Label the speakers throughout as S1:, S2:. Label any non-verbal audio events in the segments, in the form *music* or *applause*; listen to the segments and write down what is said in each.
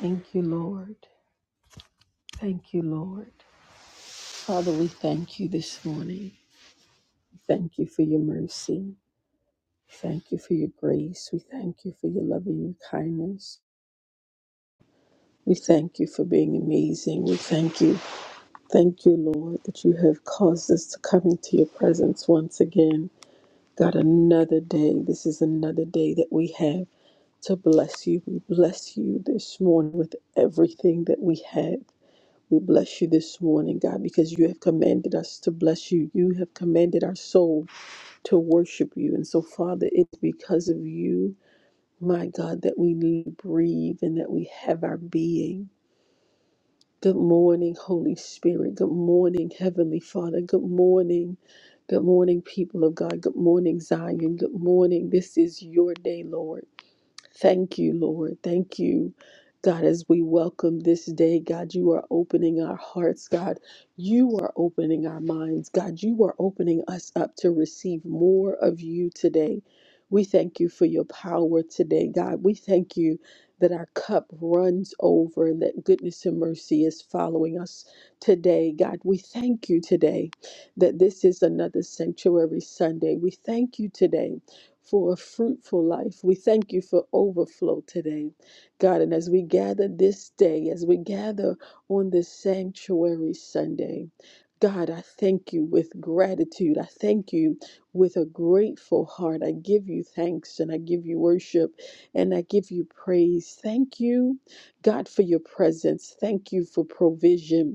S1: Thank you, Lord. Thank you, Lord. Father, we thank you this morning. We Thank you for your mercy. We Thank you for your grace. We thank you for your love and your kindness. We thank you for being amazing. We thank you. Thank you, Lord, that you have caused us to come into your presence once again. God, another day. This is another day that we have to bless you. We bless you this morning with everything that we have. We bless you this morning, God, because you have commanded us to bless you. You have commanded our soul to worship you. And so, Father, it's because of you, my God, that we live, breathe and that we have our being. Good morning, Holy Spirit. Good morning, Heavenly Father. Good morning. Good morning, people of God. Good morning, Zion. Good morning. This is your day, Lord. Thank you, Lord. Thank you, God, as we welcome this day. God, you are opening our hearts. God, you are opening our minds. God, you are opening us up to receive more of you today. We thank you for your power today, God. We thank you that our cup runs over and that goodness and mercy is following us today. God, we thank you today that this is another sanctuary Sunday. We thank you today for a fruitful life. We thank you for overflow today, God. And as we gather this day, as we gather on this sanctuary Sunday, God, I thank you with gratitude. I thank you with a grateful heart. I give you thanks and I give you worship and I give you praise. Thank you, God, for your presence. Thank you for provision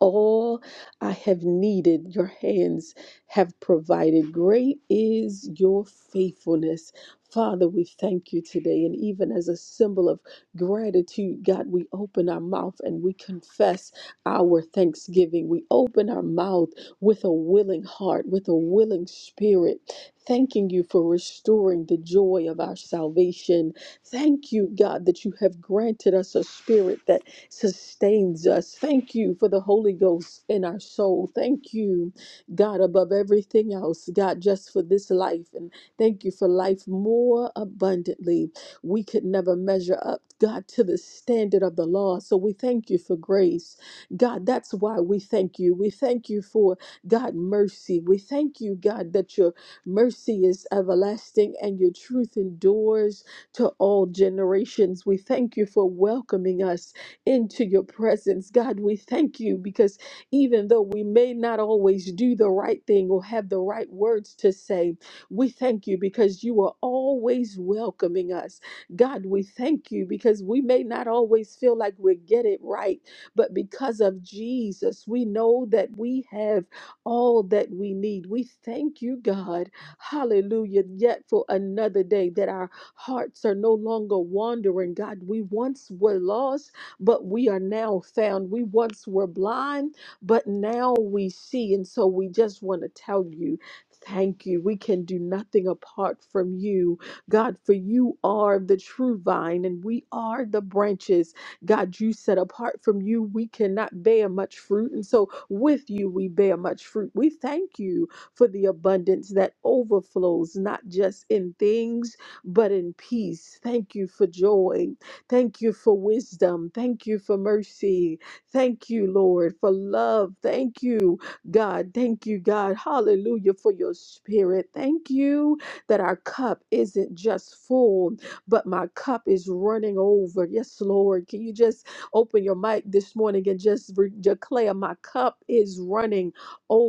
S1: all I have needed, your hands have provided. Great is your faithfulness. Father, we thank you today. And even as a symbol of gratitude, God, we open our mouth and we confess our thanksgiving. We open our mouth with a willing heart, with a willing spirit, thanking you for restoring the joy of our salvation. Thank you, God, that you have granted us a spirit that sustains us. Thank you for the Holy Ghost in our soul. Thank you, God, above everything else, God, just for this life. And thank you for life more abundantly. We could never measure up, God, to the standard of the law. So we thank you for grace. God, that's why we thank you. We thank you for, God, mercy. We thank you, God, that your mercy is everlasting and your truth endures to all generations. We thank you for welcoming us into your presence. God, we thank you because even though we may not always do the right thing or have the right words to say, we thank you because you are always welcoming us. God, we thank you because we may not always feel like we get it right, but because of Jesus, we know that we have all that we need. We thank you, God. Hallelujah. Yet for another day that our hearts are no longer wandering. God, we once were lost but we are now found. We once were blind, but now we see. And so we just want to tell you. Thank you. We can do nothing apart from you, God, for you are the true vine and we are the branches. God, you said apart from you, we cannot bear much fruit. And so with you, we bear much fruit. We thank you for the abundance that overflows, not just in things, but in peace. Thank you for joy. Thank you for wisdom. Thank you for mercy. Thank you, Lord, for love. Thank you, God. Thank you, God. Hallelujah for your spirit. Thank you that our cup isn't just full, but my cup is running over. Yes, Lord. Can you just open your mic this morning and just re- declare, My cup is running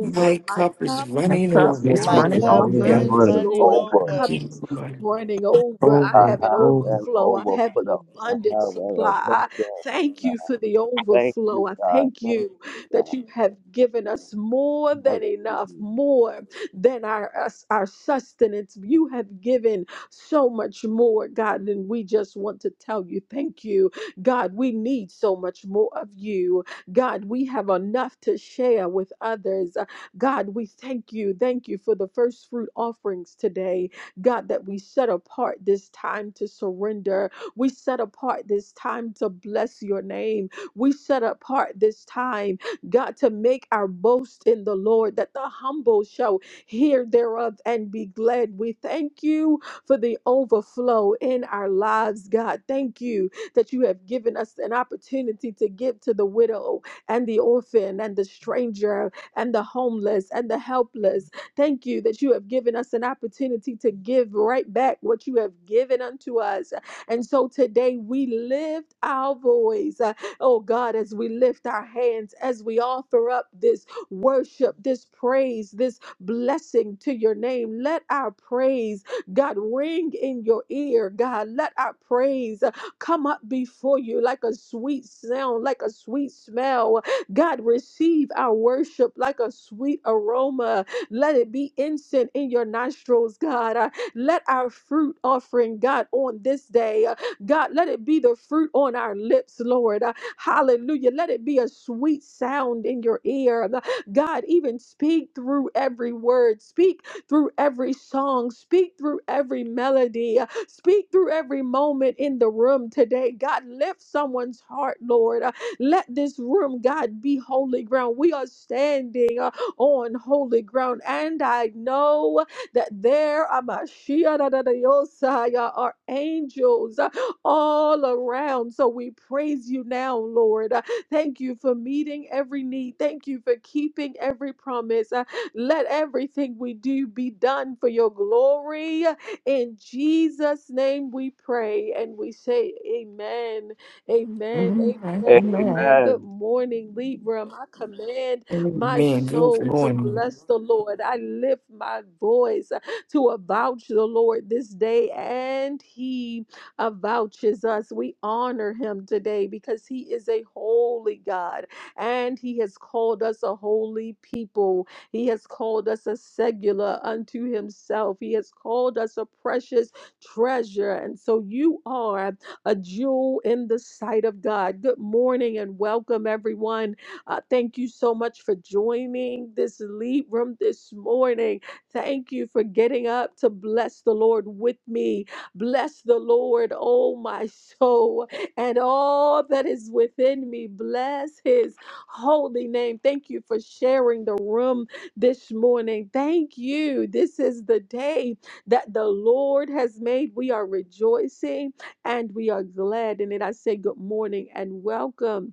S2: My
S1: My
S2: cup is
S1: cup
S3: My
S2: running
S3: cup
S1: is
S2: over.
S4: Let
S3: is
S1: running
S5: My
S4: it
S3: running
S5: cup
S6: He's
S1: over.
S3: over.
S2: Hallelujah.
S5: is
S4: be
S1: Yes,
S6: running
S5: running
S1: Lord. My
S6: over.
S2: Thank
S5: over.
S1: cup
S2: you, Lord.
S1: running
S4: over,
S1: over. I
S6: I
S4: over, and
S1: have an
S6: have
S4: over.
S6: an
S1: overflow. I have an
S6: overflow. I
S1: abundant
S6: have an
S1: supply. I
S6: abundance.
S1: thank
S6: God.
S1: you for the
S6: Thank you,
S1: overflow. I
S6: God.
S1: thank
S6: Thank
S1: you
S6: you,
S1: that
S6: God.
S1: you have given us more than
S6: Hallelujah.
S1: enough, more than our us, our sustenance. You have given so much more, God, and we just want to tell you thank you. God, we need so much more of you. God, we have enough to share with others. Uh, God, we thank you. Thank you for the first fruit offerings today. God, that we set apart this time to surrender. We set apart this time to bless your name. We set apart this time, God, to make our boast in the Lord, that the humble shall hear thereof and be glad. We thank you for the overflow in our lives, God. Thank you that you have given us an opportunity to give to the widow and the orphan and the stranger and the homeless and the helpless. Thank you that you have given us an opportunity to give right back what you have given unto us. And so today we lift our voice, uh, oh God, as we lift our hands, as we offer up this worship, this praise, this blessing to your name. Let our praise, God, ring in your ear, God. Let our praise uh, come up before you like a sweet sound, like a sweet smell. God, receive our worship like a sweet aroma. Let it be incense in your nostrils, God. Uh, Let our fruit offering, God, on this day, uh, God, let it be the fruit on our lips, Lord. Uh, Hallelujah. Let it be a sweet sound in your ear. Uh, God, even speak through every word, speak through every song, speak through every melody, uh, speak through every moment in the room today. God, lift someone's heart, Lord. Uh, Let this room, God, be holy ground. We are standing. uh, on holy ground. And I know that there are Mashiach da- da- da- Yosaya, are angels uh, all around. So we praise you now, Lord. Uh, Thank you for meeting every need. Thank you for keeping every promise. Uh, Let everything we do be done for your glory. In Jesus' name we pray and we say amen. Amen.
S3: Mm,
S1: Amen.
S3: Amen.
S1: Amen.
S6: Amen.
S1: Good morning, Libra. My command my
S2: Amen. Good
S1: soul to
S2: morning.
S1: bless the Lord. I lift my voice uh, to avouch the Lord this day, and He avouches us. We honor Him today because He is a holy God and He has called us a holy people. He has called us a secular unto Himself. He has called us a precious treasure. And so you are a jewel in the sight of God. Good morning and welcome, everyone. Uh, thank you so much for joining this lead room this morning. Thank you for getting up to bless the Lord with me. Bless the Lord, oh my *laughs* soul, and all that is within me. Bless his holy name. Thank you for sharing the room this morning. Thank you. This is the day that the Lord has made. We are rejoicing and we are glad in it. I say good morning and welcome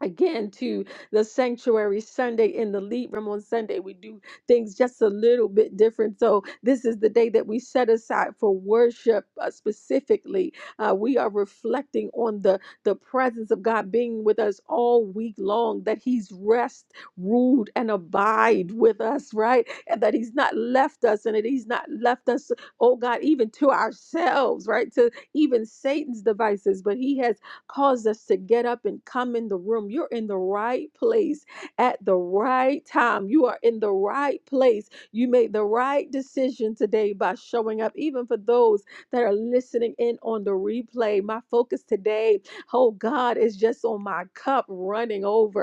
S1: again to the sanctuary sunday in the lead room on sunday we do things just a little bit different so this is the day that we set aside for worship uh, specifically uh, we are reflecting on the the presence of god being with us all week long that he's rest ruled and abide with us right and that he's not left us and that he's not left us oh god even to ourselves right to even satan's devices but he has caused us to get up and come in the room. You're in the right place at the right time. You are in the right place. You made the right decision today by showing up, even for those that are listening in on the replay. My focus today, oh God, is just on my cup running over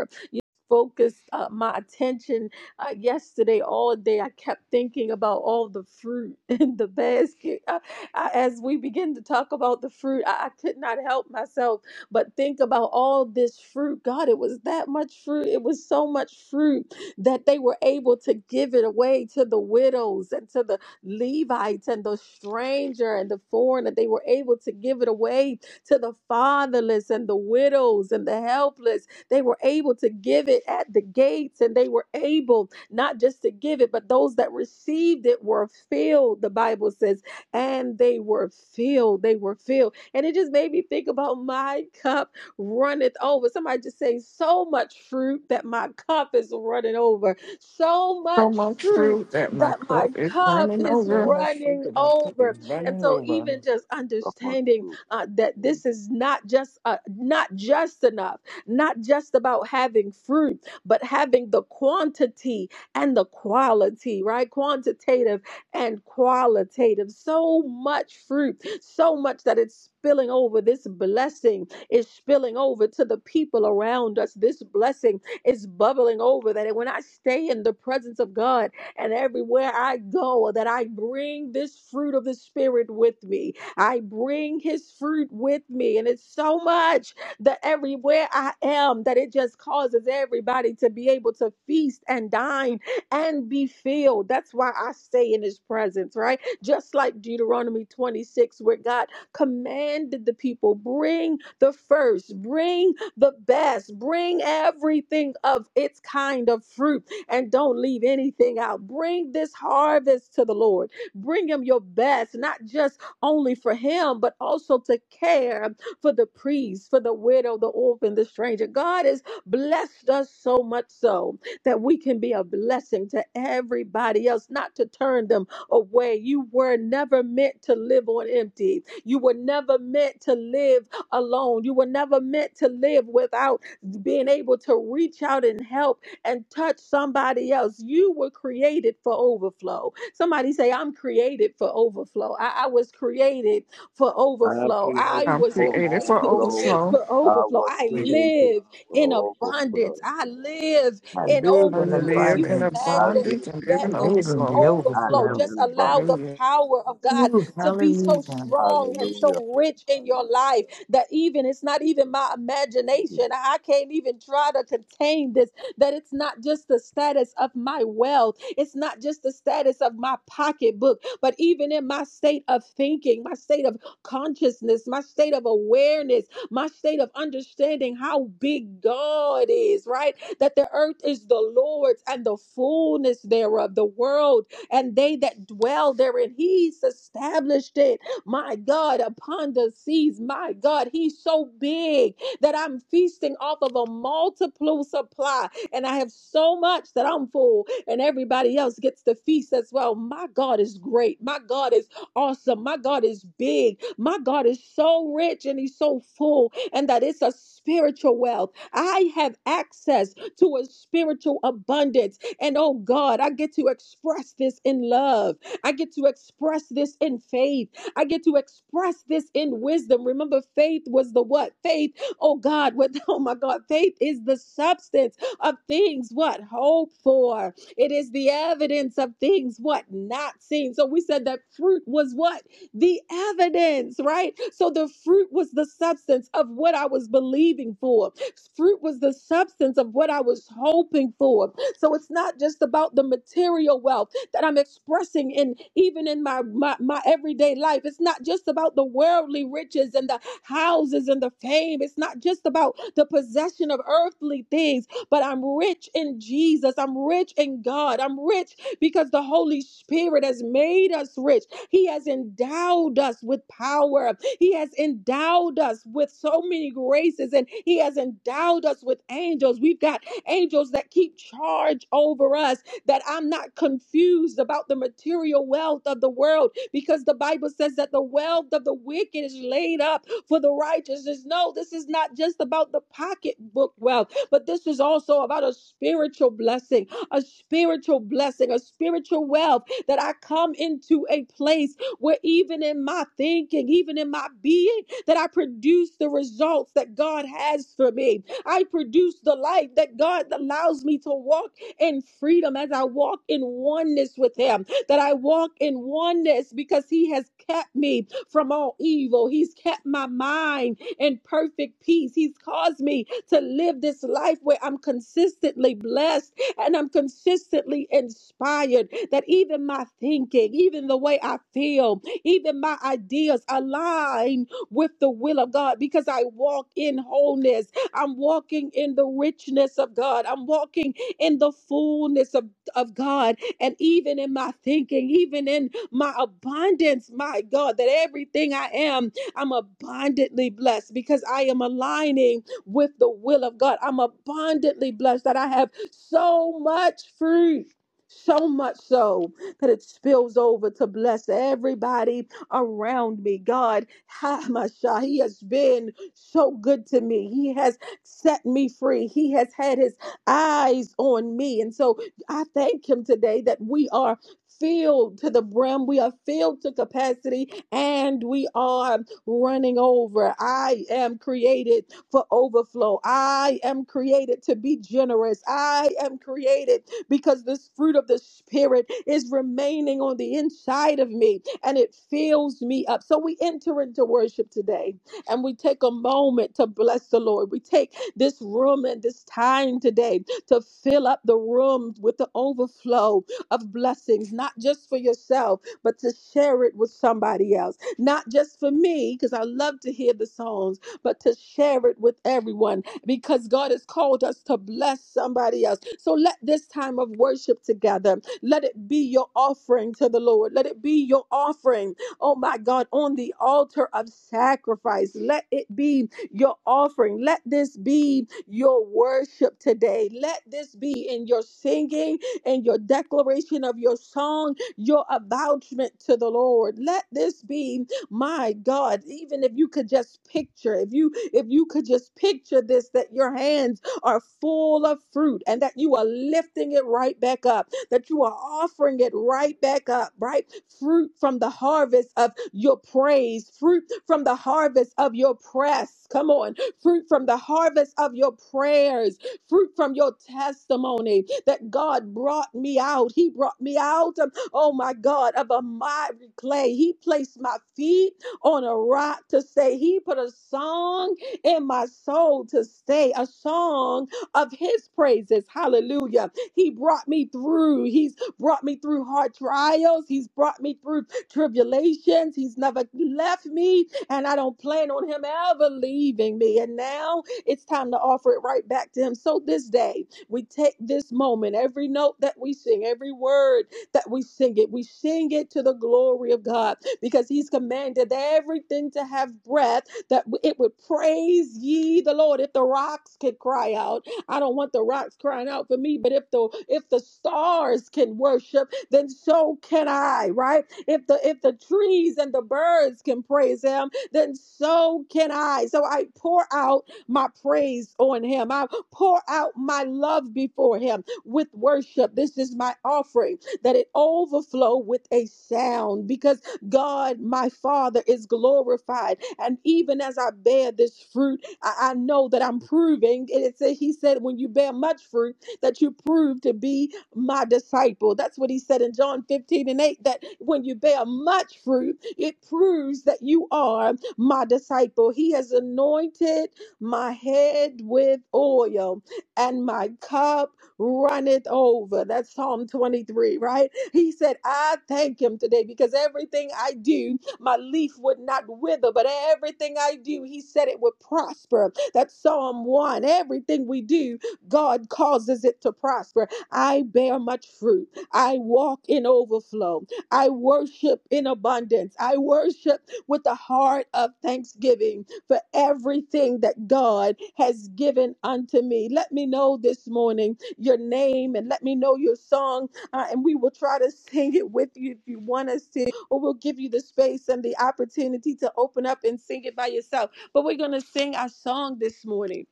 S1: focused uh, my attention uh, yesterday all day. I kept thinking about all the fruit *laughs* in the basket. Uh, I, as we begin to talk about the fruit, I, I could not help myself but think about all this fruit. God, it was that much fruit. It was so much fruit that they were able to give it away to the widows and to the Levites and the stranger and the foreigner. They were able to give it away to the fatherless and the widows and the helpless they were able to give it at the gates, and they were able not just to give it, but those that received it were filled, the Bible says, and they were filled. They were filled. And it just made me think about my *laughs* cup runneth over. Somebody just say, so much fruit that my cup is running over. So
S3: So
S1: much
S3: much
S1: fruit
S3: fruit that my
S1: that my
S3: cup is
S1: cup
S3: running
S1: is
S2: So
S3: over.
S2: much food
S1: running
S2: that my cup
S1: over.
S2: is
S1: And
S2: running
S1: so
S2: over.
S1: even just
S6: So much
S1: understanding
S6: truth.
S1: uh, that this is not just uh, not just enough not just about having fruit, but having the quantity and the quality, right? Quantitative and qualitative. So much fruit, so much that it's spilling over. This blessing is spilling over to the people around us. This blessing is bubbling over that when I stay in the presence of God and everywhere I go, that I bring this fruit of the Spirit with me. I bring His fruit with me. And it's so much that everywhere I am, that it just causes everybody to be able to feast and dine and be filled. That's why I stay in his presence, right? Just like Deuteronomy 26, where God commanded the people bring the first, bring the best, bring everything of its kind of fruit, and don't leave anything out. Bring this harvest to the Lord. Bring him your best, not just only for him, but also to care for the priest, for the widow, the orphan, the stranger. God has blessed us so much so that we can be a blessing to everybody else, not to turn them away. You were never meant to live on empty. You were never meant to live alone. You were never meant to live without being able to reach out and help and touch somebody else. You were created for overflow. Somebody say, I'm created for overflow. I, I was created for
S6: I am
S1: overflow. I
S6: created
S3: I'm
S1: was
S6: for
S3: created for
S6: overflow.
S1: *laughs*
S3: overflow.
S1: for
S6: I
S1: overflow.
S6: was
S1: I
S7: I
S6: created
S1: live in
S6: for overflow.
S1: abundance. I live
S2: I
S1: in
S6: I
S2: live
S3: I
S2: in
S1: overflow.
S6: live
S1: Can
S3: live
S1: you
S6: here.
S3: in
S2: abundance.
S6: I
S1: imagine
S6: live
S3: abundance and
S6: here.
S3: live
S1: that
S2: I
S3: in
S1: the
S2: live
S1: the
S2: in
S3: overflow.
S2: the
S6: I
S1: overflow?
S2: overflow.
S6: am
S1: Just
S6: in
S1: allow
S6: abundance.
S1: the
S3: Hallelujah.
S1: power of God
S2: Ooh,
S1: to be so
S2: hallelujah.
S1: strong and
S6: Hallelujah.
S1: so rich in your life that even it's not even my imagination. I can't even try to contain this. That it's not just the status of my wealth, it's not just the status of my pocketbook, but even in my state of thinking, my state of consciousness, my state of awareness, my state of understanding how big God is, right? That the earth is the Lord's and the fullness thereof, the world and they that dwell therein. He's established it, my God, upon the seas, my God. He's so big that I'm feasting off of a multiple supply, and I have so much that I'm full, and everybody else gets to feast as well. My God is great. My God is awesome. My God is big. My God is so rich and he's so full, and that it's a spiritual wealth. I have access to a spiritual abundance. And oh God, I get to express this in love. I get to express this in faith. I get to express this in wisdom. Remember, faith was the what? Faith, oh God, *laughs* what oh my God, faith is the substance of things what hope for. It is the evidence of things what not seen. So we said that fruit was what? The evidence, right? So the fruit was the substance of what I was believing for. Fruit was the substance of what I was hoping for. So it's not just about the material wealth that I'm expressing in even in my my, my everyday life. It's not just about the worldly riches and the houses and the fame. It's not just about the possession of earthly things but I'm rich in Jesus. I'm rich in God. I'm rich because the Holy Spirit has made us rich. He has endowed us with power. He has endowed us with so many graces and He has endowed us with angels. We've got angels that keep charge over us, that I'm not confused about the material wealth of the world because the Bible says that the wealth of the wicked is laid up for the righteous. No, this is not just about the pocketbook wealth but this is also about a spiritual blessing, a spiritual blessing, a spiritual wealth that I come into a place where even in my thinking, even in my being, that I produce the results that God has for me. I produce the life that God allows me to walk in freedom as I walk in oneness with Him, that I walk in oneness because He has kept me from all evil. He's kept my mind in perfect peace. He's caused me to live this life where I'm consistently blessed and I'm consistently inspired that even my thinking, even the way I feel, even my ideas align with the will of God because I walk in wholeness. I'm walking in the richness of God. I'm walking in the fullness of, of God. And even in my thinking, even in my abundance, my God, that everything I am I'm abundantly blessed because I am aligning with the will of God. I'm abundantly blessed that I have so much fruit. So much so that it spills over to bless everybody around me. God, *laughs* ha, my He has been so good to me. He has set me free. He has had His eyes on me. And so I thank Him today that we are filled to the brim. We are filled to capacity and we are running over. I am created for overflow. I am created to be generous. I am created because this fruit of the Spirit is remaining on the inside of me and it fills me up. So we enter into worship today and we take a moment to bless the Lord. We take this room and this time today to fill up the room with the overflow of blessings, not just for yourself, but to share it with somebody else not just for me, because I love to hear the songs, but to share it with everyone because God has called us to bless somebody else. So let this time of worship together, let it be your offering to the Lord. Let it be your offering, oh my God, on the altar of sacrifice. Let it be your offering. Let this be your worship today. Let this be in your singing and your declaration of your song, your avouchment to the Lord. Let this be my god even if you could just picture if you if you could just picture this that your hands are full of fruit and that you are lifting it right back up that you are offering it right back up right fruit from the harvest of your praise fruit from the harvest of your press come on fruit from the harvest of your prayers fruit from your testimony that God brought me out he brought me out um, oh my God, of a miry miry clay. He placed my feet on a rock to say, He put a song in my soul to stay, a song of His praises. Hallelujah. He brought me through. He's brought me through hard trials. He's brought me through tribulations. He's never left me, and I don't plan on Him ever leaving me. And now it's time to offer it right back to Him. So this day, we take this moment, every note that we sing, every word that we sing it. We sing it to the glory of God because He's commanded everything to have breath, that it would praise ye the Lord. If the rocks could cry out, I don't want the rocks crying out for me, but if the if the stars can worship, then so can I, right? If the if the trees and the birds can praise him, then so can I. So I pour out my praise on him. I pour out my love before him with worship. This is my offering that it overflow with a sound because God, my Father, is glorified. And even as I bear this fruit, I, I know that I'm proving. And it said, He said, when you bear much fruit, that you prove to be my disciple. That's what He said in John 15 and 8 that when you bear much fruit, it proves that you are my disciple. He has anointed my head with oil, and my cup runneth over. That's Psalm 23, right? He said, I thank him today because everything I do, my leaf would not wither, but everything I do, he said it would prosper. That's Psalm 1. Everything we do, God causes it to prosper. I bear much fruit. I walk in overflow. I worship in abundance. I worship with the heart of thanksgiving for everything that God has given unto me. Let me know this morning your name and let me know your song, uh, and we will try to sing it with you if you want us to, or we'll give you the space and the opportunity to open up and sing it by yourself. But we're gonna sing our song this morning.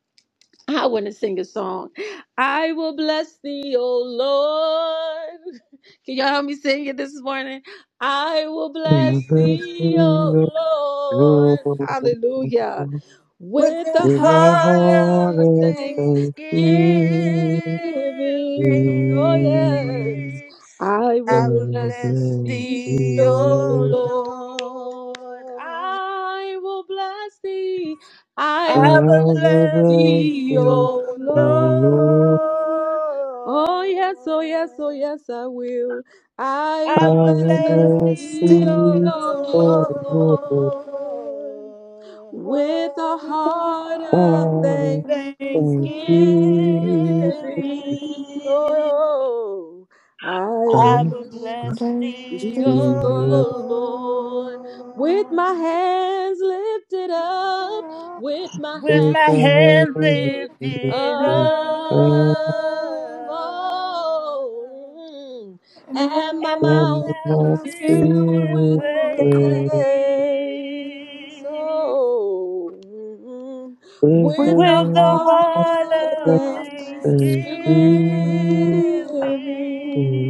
S1: I want to sing a song. I will bless thee, O Lord. *laughs* Can y'all help me sing it this morning? I will
S4: The
S1: bless
S4: best
S1: thee,
S4: thing that
S1: O Lord. Hallelujah
S4: goes
S5: With
S1: with a
S5: the
S4: is a
S5: heart
S1: heart
S4: heart
S5: of
S1: of
S4: of
S5: thanksgiving,
S1: thanksgiving.
S4: thanksgiving.
S1: Oh, yes, I
S4: I
S1: will
S5: I will
S4: will
S1: bless
S5: bless
S4: bless
S1: thee,
S5: thee,
S1: O
S5: O
S4: you.
S1: Lord.
S5: Lord.
S1: I will bless thee. I
S4: I
S5: I
S1: will
S5: will
S1: bless
S4: will
S5: bless
S4: bless
S1: thee,
S5: thee,
S4: you,
S5: O
S1: O
S4: oh Lord.
S1: Lord. Oh, yes, oh, yes, oh,
S5: Lord.
S1: yes, I will. I
S4: I
S5: I
S1: will
S5: will
S4: will
S1: bless
S5: bless
S4: bless
S3: Bless the
S5: thee,
S1: thee,
S5: O
S4: you,
S1: O
S4: oh
S3: Lord
S4: Lord.
S1: Lord with a
S5: Lord.
S3: with the
S1: heart
S4: I
S3: heart
S1: of
S3: of
S1: thanksgiving.
S4: will thank
S5: thanksgiving.
S3: thanksgiving.
S4: you.
S1: Oh, I
S4: I
S1: will
S5: I
S4: will
S5: will
S1: bless
S4: bless
S5: bless
S3: Bless
S5: thee,
S1: Thee,
S5: O
S4: you.
S1: O Lord, with
S5: Lord,
S1: my hands lifted
S3: the
S1: up,
S3: Lord.
S1: with my
S5: with
S4: If
S5: my
S4: I
S1: hands
S4: had
S5: hand
S4: anything,
S1: lifted
S5: lifted
S3: And
S5: up,
S1: up,
S4: I
S1: oh, and
S3: my
S1: my
S5: and my
S4: can
S1: mouth
S5: mouth
S4: not
S3: my
S5: filled
S4: deal
S1: filled
S5: with
S3: spirit
S1: with
S4: with
S3: will
S4: prayer.
S3: praise.
S1: praise,
S5: praise,
S1: oh, mm,
S4: If I
S1: with
S3: With
S1: the
S5: with
S3: the
S4: had
S5: the
S1: heart
S4: not
S5: heart
S3: heart
S1: of
S4: got
S5: of
S3: of
S4: a
S5: thanksgiving.
S3: thanksgiving,
S4: feeling,
S1: thanksgiving.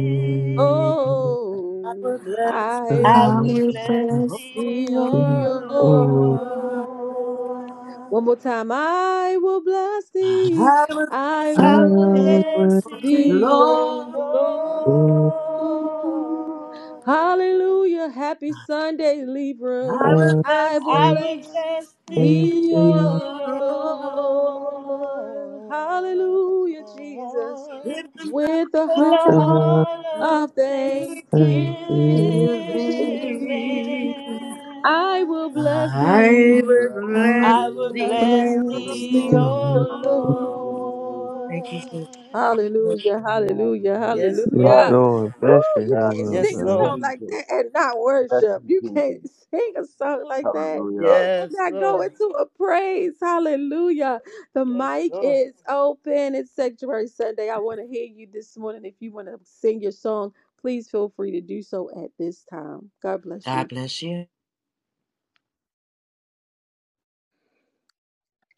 S1: Oh,
S7: will bless
S4: I
S1: I
S7: thee,
S5: I
S1: will
S3: I
S5: will
S4: had
S3: will
S1: bless
S5: bless
S3: bless thee,
S5: thee,
S7: Lord.
S1: thee,
S4: nothing.
S5: O
S1: O
S3: O
S4: Oh,
S1: Lord.
S3: Lord.
S1: One more
S5: Lord.
S1: time. I will bless thee.
S7: I will bless
S1: I
S4: I
S3: I
S1: will
S5: I will
S3: will
S1: bless
S7: thee,
S4: would
S5: bless
S4: go,
S3: bless thee,
S5: thee,
S1: thee,
S3: O
S5: O
S1: O
S7: Lord.
S1: Lord.
S4: I
S3: Lord.
S5: Lord.
S1: Hallelujah. Happy Sunday, Libram.
S7: I will
S3: I
S1: I
S7: bless
S4: would
S1: will
S3: will
S5: I
S4: go
S5: will
S7: thee,
S1: bless
S3: bless
S5: bless thee,
S3: thee,
S1: thee, O
S4: see,
S5: O
S3: O
S7: Lord.
S3: Lord,
S1: Lord. Hallelujah, Jesus.
S7: In
S5: Lord,
S7: the
S1: With a
S5: with
S1: heart
S3: with
S5: the
S3: a
S4: and I
S5: heart
S3: heart
S7: night
S3: of
S5: of
S1: of thanksgiving,
S3: thanksgiving.
S4: can see.
S7: living.
S1: I will
S5: thanksgiving.
S1: bless
S6: I
S7: I
S6: will
S1: thee.
S7: will
S1: I
S3: I
S6: bless
S7: bless
S5: I
S1: will
S5: will
S3: will
S6: thee,
S1: bless
S5: bless
S7: thee, O
S6: O
S3: bless
S5: thee,
S3: thee,
S7: Lord.
S1: thee,
S5: O
S3: O
S1: O
S6: Lord.
S7: Thank you,
S3: Lord.
S1: Lord.
S7: sister.
S5: Lord.
S1: Hallelujah,
S6: God,
S1: hallelujah,
S5: Yes,
S4: Yes,
S1: hallelujah.
S5: Lord.
S4: Lord,
S1: Woo,
S6: love
S4: bless your
S1: you
S6: God.
S4: name,
S1: can't
S4: Lord
S6: Thank
S1: sing
S5: Yes,
S1: a
S6: you,
S4: God.
S1: song
S5: Lord.
S1: like
S6: Jesus.
S1: that and not
S6: Bless
S1: worship.
S6: you,
S1: You can't
S6: Jesus.
S1: sing a song like that
S6: Hallelujah.
S1: and
S5: Yes,
S1: not go
S5: Lord.
S1: into a praise. Hallelujah. The
S5: Yes,
S1: mic
S5: Lord.
S1: is open. It's Sanctuary Sunday. I want to hear you this morning. If you want to sing your song, please feel free to do so at this time. God bless
S7: God
S1: you.
S7: bless you.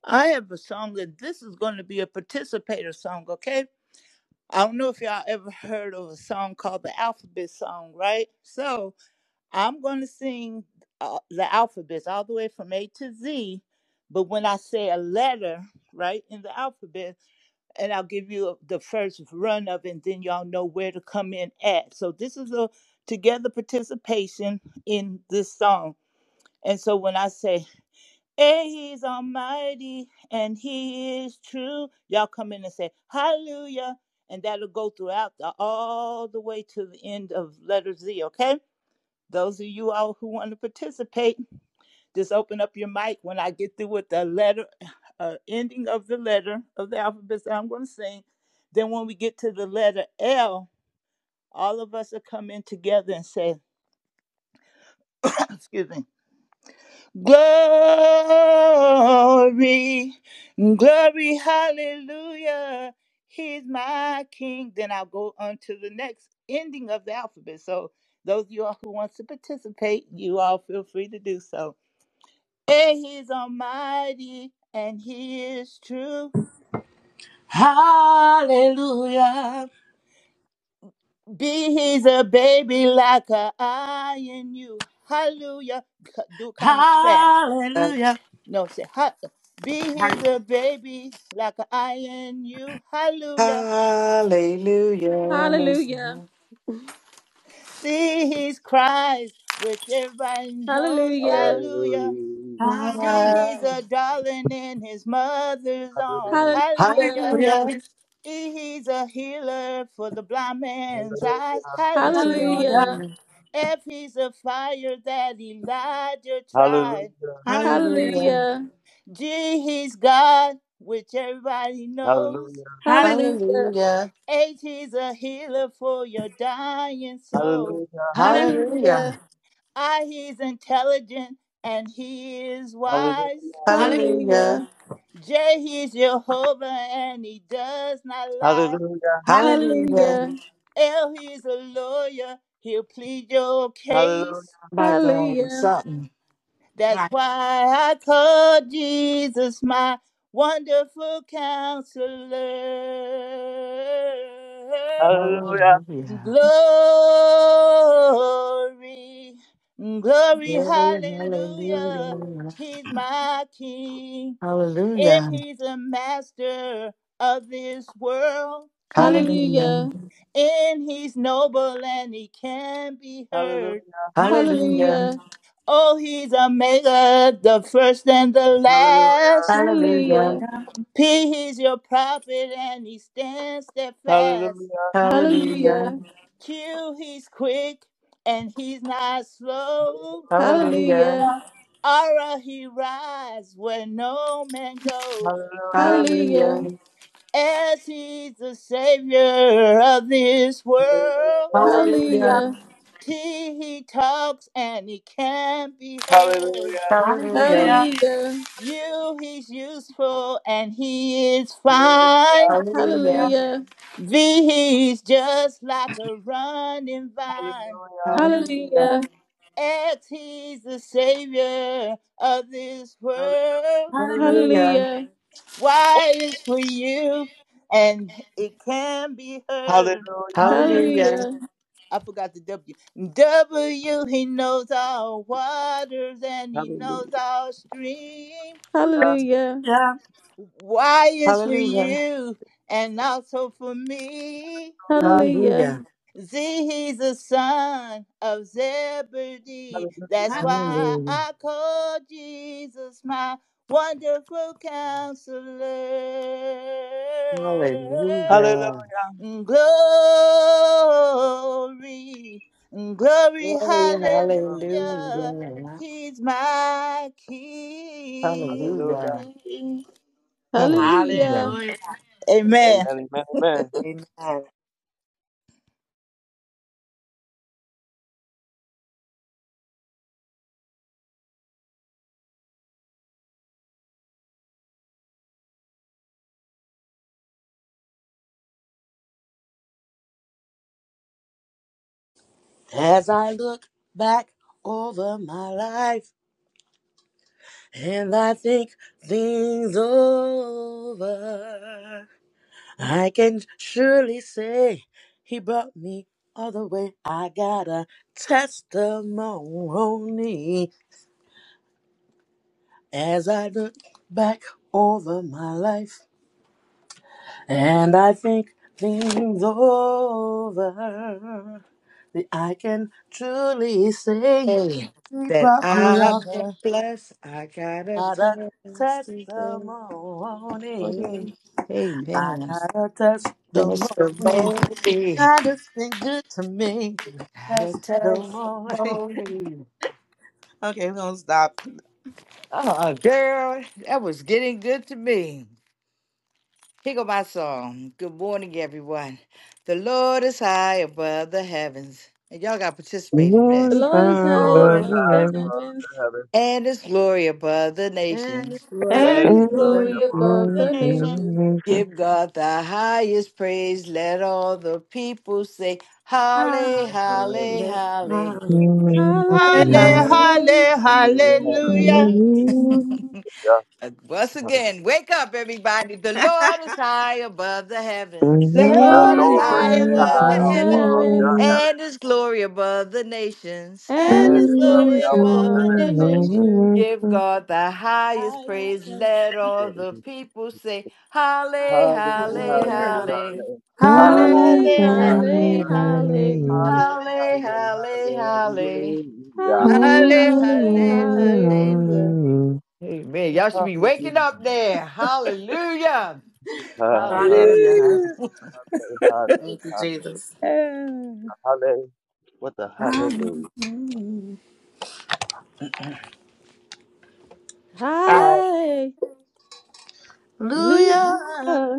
S5: I have a song that this is going to be a participator song, okay? I don't know if y'all ever heard of a song called the Alphabet Song, right? So I'm going to sing uh, the alphabets all the way from A to Z, but when I say a letter, right, in the alphabet, and I'll give you the first run of it, and then y'all know where to come in at. So this is a together participation in this song. And so when I say, hey, he's almighty and he is true, y'all come in and say, hallelujah. And that'll go throughout the, all the way to the end of letter Z, okay? Those of you all who want to participate, just open up your mic when I get through with the letter, uh, ending of the letter of the alphabet that I'm going to sing. Then when we get to the letter L, all of us will come in together and say, *coughs* excuse me, glory, glory, hallelujah. He's my king. Then I'll go on to the next ending of the alphabet. So those of you all who want to participate, you all feel free to do so. Hey, he's almighty and he is true.
S7: Hallelujah.
S5: Be he's a baby like a I in you. Hallelujah. C- Do comes fast.
S7: Hallelujah.
S5: No, say ha. Be he's a baby like a I in you. Hallelujah.
S1: Hallelujah,
S2: Hallelujah.
S5: See his cries, which everybody knows.
S1: hallelujah,
S5: Hallelujah.
S6: Hallelujah.
S5: D
S7: Hallelujah.
S5: he's a darling in his mother's arms.
S6: Hallelujah.
S1: hallelujah,
S5: Hallelujah.
S7: Hallelujah.
S2: Hallelujah.
S5: E he's a healer for the blind man's eyes.
S2: Yes,
S5: Hallelujah.
S7: Hallelujah.
S1: hallelujah,
S5: If he's a fire that Elijah tried,
S6: Hallelujah.
S7: Hallelujah.
S2: Hallelujah.
S1: hallelujah.
S5: G, he's God, which everybody knows.
S6: Hallelujah.
S7: Hallelujah.
S1: Hallelujah.
S2: Hallelujah.
S5: H, he's a healer for your dying soul.
S6: Hallelujah.
S2: Hallelujah.
S7: Hallelujah.
S1: Hallelujah.
S2: Hallelujah.
S5: I, he's intelligent and he is
S6: Hallelujah.
S5: wise.
S7: Hallelujah.
S2: Hallelujah.
S1: Hallelujah.
S5: J, he's Jehovah and he does not lie.
S6: Hallelujah.
S7: Hallelujah.
S2: Hallelujah.
S1: Hallelujah.
S5: L, he's a lawyer, he'll plead your case.
S6: Hallelujah.
S2: By God, it's
S1: Hallelujah.
S2: something.
S5: That's
S7: Right.
S5: why I call Jesus my wonderful counselor.
S6: Hallelujah.
S2: Hallelujah.
S5: Glory, glory,
S2: Glory,
S5: hallelujah.
S6: Hallelujah.
S5: He's my king, and
S2: Hallelujah.
S5: he's a master of this world,
S2: Hallelujah.
S7: Hallelujah.
S2: Hallelujah.
S1: Hallelujah.
S5: and he's noble and he can be heard.
S6: Hallelujah.
S7: Hallelujah.
S2: Hallelujah.
S1: Hallelujah.
S5: Oh, he's a mega, the first and the
S6: Hallelujah. Hallelujah.
S5: last.
S2: Hallelujah.
S1: Hallelujah.
S5: P is your prophet and he stands steadfast.
S6: Hallelujah.
S7: Hallelujah.
S2: Hallelujah.
S5: Q he's quick and he's not slow.
S7: Hallelujah.
S2: Hallelujah.
S1: Hallelujah.
S5: Ara he rides where no man goes.
S6: Hallelujah.
S7: Hallelujah.
S1: Hallelujah.
S2: Hallelujah.
S5: As he's the savior of this world.
S6: Hallelujah.
S2: Hallelujah.
S1: Hallelujah.
S7: Hallelujah.
S5: T he talks and he can't be heard.
S6: Hallelujah.
S2: Hallelujah.
S7: Hallelujah.
S1: Hallelujah.
S5: U he's useful and he is fine.
S6: Hallelujah.
S2: Hallelujah.
S1: Hallelujah.
S5: V he's just like a running vine.
S2: Hallelujah.
S7: Hallelujah.
S2: Hallelujah.
S1: Hallelujah.
S5: as he's the savior of this
S6: Hallelujah.
S5: world.
S7: Hallelujah.
S2: Hallelujah.
S1: Hallelujah.
S5: Why is for you and it can be heard.
S7: Hallelujah.
S6: Hallelujah.
S7: Hallelujah.
S2: Hallelujah.
S1: Hallelujah.
S5: I forgot the W. W, he knows all waters and he knows
S6: Hallelujah.
S5: all streams.
S1: Hallelujah. Hallelujah.
S5: Why is for you and also for me.
S1: Hallelujah.
S5: He's the son of Zebedee.
S6: Hallelujah.
S5: That's why
S2: Hallelujah.
S5: I call Jesus my wonderful counselor.
S2: Hallelujah.
S6: Hallelujah.
S2: Hallelujah.
S5: Glory, glory,
S2: Glory,
S5: hallelujah.
S6: Hallelujah.
S2: hallelujah.
S5: He's my
S6: Hallelujah.
S2: Hallelujah.
S5: king.
S2: Hallelujah.
S1: Hallelujah.
S7: Hallelujah.
S5: Amen.
S6: Amen. Amen. Amen.
S7: Amen. As I look back over my life. And I think things over. I can surely say he brought me all the way. I got a testimony as I look back over my life. And I think things over. That I can truly say
S2: Hey,
S7: he
S2: that
S7: brought me
S2: I've
S7: all the
S2: been
S7: way.
S2: blessed. I got a
S7: I Got a
S2: testimony.
S7: testimony.
S2: Amen.
S7: I
S2: Testimony.
S7: got a testimony. God has been good to me.
S2: Got a
S7: Testimony. *laughs*
S2: testimony.
S7: Okay, we're gonna stop.
S2: Oh, girl, that was getting good to me. Here go my song. Good morning, everyone. The Lord is high above the heavens. And y'all got to participate in
S1: The
S2: this.
S4: Lord,
S1: Lord is
S4: I'm
S1: high
S6: Lord,
S7: And
S1: above
S6: God,
S1: the
S4: above
S6: Lord
S1: heavens
S6: of heaven,
S2: And his glory above the nations.
S7: it's glory
S1: and
S5: And
S6: and
S1: his
S5: his
S7: of the
S6: glory
S7: name.
S1: glory
S4: Every
S5: glory
S6: of
S5: above
S1: above
S6: the
S5: the
S4: glory
S1: the
S4: to the
S6: nations.
S5: nation.
S1: nations.
S4: name of
S2: Give God the highest praise. Let all the people say, Holly, Holly,
S7: Hallelujah.
S2: Holly.
S7: Hallelujah.
S4: the
S5: hallelujah,
S1: Hallelujah,
S4: King.
S7: Hallelujah.
S6: Hallelujah.
S5: hallelujah.
S1: hallelujah.
S4: Praise
S2: Once again, wake up, everybody. The Lord is high above the
S4: the
S2: heavens
S5: The
S1: The
S7: The
S6: The
S5: hell
S7: Lord
S1: Lord
S7: is
S5: is
S4: name
S1: is
S6: Lord
S7: high
S5: high
S1: high
S6: is
S4: of
S7: above
S5: above
S4: the
S5: the
S6: high
S1: above
S7: the heaven
S1: the
S5: heaven,
S6: above the
S1: heavens,
S4: Lord.
S6: heaven
S2: and his glory above the nations.
S5: and
S1: and
S7: and
S6: and
S5: his
S1: his
S7: his
S6: his
S5: glory
S6: glory
S4: Every
S1: glory
S5: is
S6: above
S5: above
S6: the
S7: glory
S1: above
S5: the
S1: the
S6: nations.
S5: nation.
S7: is
S1: nations.
S4: glory
S2: Give
S4: to
S2: God the highest
S5: Highest
S2: praise.
S5: above.
S2: Let
S5: the
S2: all the people say, Holly,
S7: shining.
S2: Holly,
S6: Hallelujah.
S2: Holly.
S7: Hallelujah.
S6: Hallelujah.
S7: Hallelujah.
S6: Hallelujah.
S4: the
S5: Halle,
S7: Hallelujah.
S1: Hallelujah,
S5: halle,
S7: Thank
S6: Hallelujah.
S5: hallelujah.
S4: Lord.
S1: hallelujah,
S2: Holly,
S6: Hallelujah.
S2: Holly, Holly.
S5: Halle,
S1: hallelujah,
S5: halle,
S1: hallelujah,
S5: hallelujah.
S4: Hallelujah.
S2: Amen. Y'all
S7: you,
S2: should be
S7: Jesus.
S2: waking up there. Hallelujah.
S6: Hallelujah.
S2: Hallelujah.
S7: Hallelujah. Thank you, Jesus.
S5: Hallelujah.
S6: What the hallelujah?
S7: Hallelujah.
S1: hallelujah,
S7: Hallelujah.
S1: hallelujah,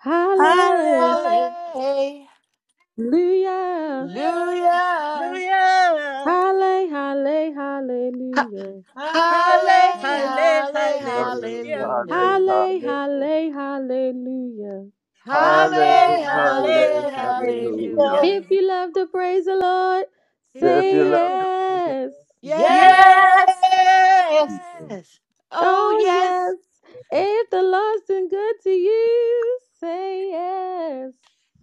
S1: hallelujah, hallelujah, hallelujah,
S7: Hallelujah.
S2: Hallelujah.
S1: hallelujah, hallelujah. Hallelujah,
S2: Ha-
S5: Halle,
S2: Halle,
S7: Hallelujah.
S5: halle,
S2: halle,
S5: hallelujah.
S2: hallelujah.
S6: Hallelujah.
S1: hallelujah, hallelujah.
S5: Halle,
S2: Halle,
S5: halle,
S6: Hallelujah.
S2: halle,
S7: Hallelujah.
S6: Hallelujah.
S5: hallelujah.
S2: hallelujah.
S1: If you love to praise the Lord,
S2: If
S6: If
S2: you
S6: you
S1: say
S6: love
S2: never,
S6: him,
S1: yes.
S6: yes,
S7: Yes.
S5: Yes.
S6: you can.
S2: yes. Oh,
S1: Oh, yes.
S2: yes.
S1: If the Lord's been good to you, say yes.